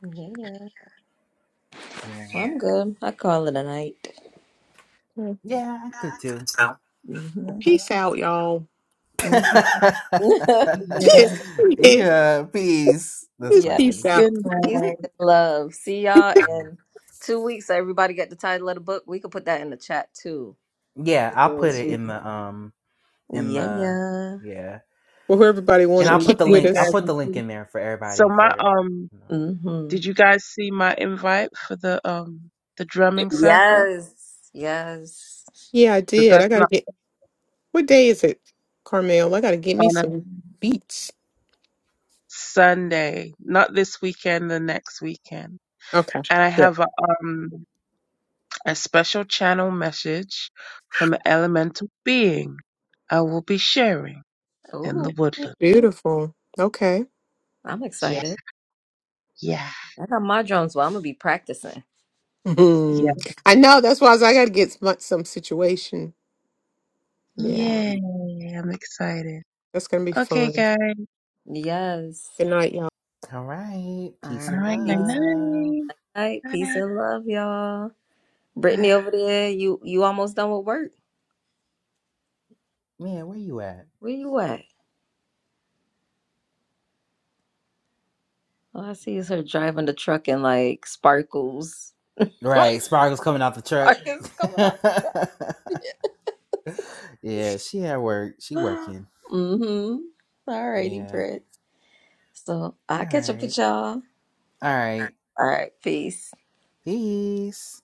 D: yeah. Well,
A: yeah,
D: I'm good. I call it a night.
C: Mm.
A: yeah, I could too.
C: So,
D: Mm-hmm.
C: Peace out, y'all.
D: Mm-hmm.
B: Yeah.
C: Yeah,
A: yeah, peace. That's
C: Just peace
A: funny.
D: yes.
B: Good
C: out.
D: Peace
B: night.
D: and love. See y'all
A: Mhm.
D: in two weeks. Everybody get the title of the book. We could put that in the chat too.
A: Yeah,
D: For
A: I'll put
D: those
A: it
D: who-
A: in the um in
D: Yeah,
A: the
D: yeah.
A: yeah.
C: Well, who everybody want
A: And
C: to
A: I'll
B: So we'll
A: put
C: kick
A: the
B: see
C: with
B: you
A: link. I'll
B: guys.
C: us.
A: put
B: in
A: the link
B: two-
A: in there for
B: So
A: everybody
B: my
A: for
B: um,
A: you know.
D: Mm-hmm.
B: did you guys see my invite for the um the drumming circle?
D: Yes. Yes.
C: Yeah, I
B: That
C: did. I
B: that's
C: gotta
B: not
C: get. What day is it, Carmel? I gotta get me
B: on
C: some
B: it.
C: beats.
B: Sunday, not this weekend, the next weekend.
C: Okay.
B: And I
C: Good.
B: have a, um, a special channel message from an elemental being I will be sharing in
D: Ooh,
B: the woodland.
C: Beautiful. Okay.
D: I'm
B: Yeah,
D: excited.
B: yeah,
D: I got my drums well. I'm gonna be practicing.
B: yeah.
C: Mhm. I know. That's why I, was, like, I gotta get some, some situation.
D: hmm
C: Yeah,
B: Yay, I'm excited.
C: that's gonna be
B: Okay,
C: fun.
B: guys.
D: Yes.
C: Good night, y'all.
A: All right.
D: All
A: Peace
B: All
D: right.
A: and
B: right, night
D: Peace
A: love.
B: night.
D: night. Peace
B: Bye,
D: and love, y'all. Brittany
B: bye.
D: over there, you you almost done with work.
A: Man, where you at?
D: Where you at? All I see is her driving the truck and like sparkles.
A: Right, Sparkle's coming out the truck.
D: sparkles.
A: yeah, she at work. She working.
D: mm-hmm. All righty,
A: Yeah.
D: Britt. So
A: All
D: I'll catch up
A: right.
D: with y'all.
A: All right.
D: All right, peace.
A: Peace.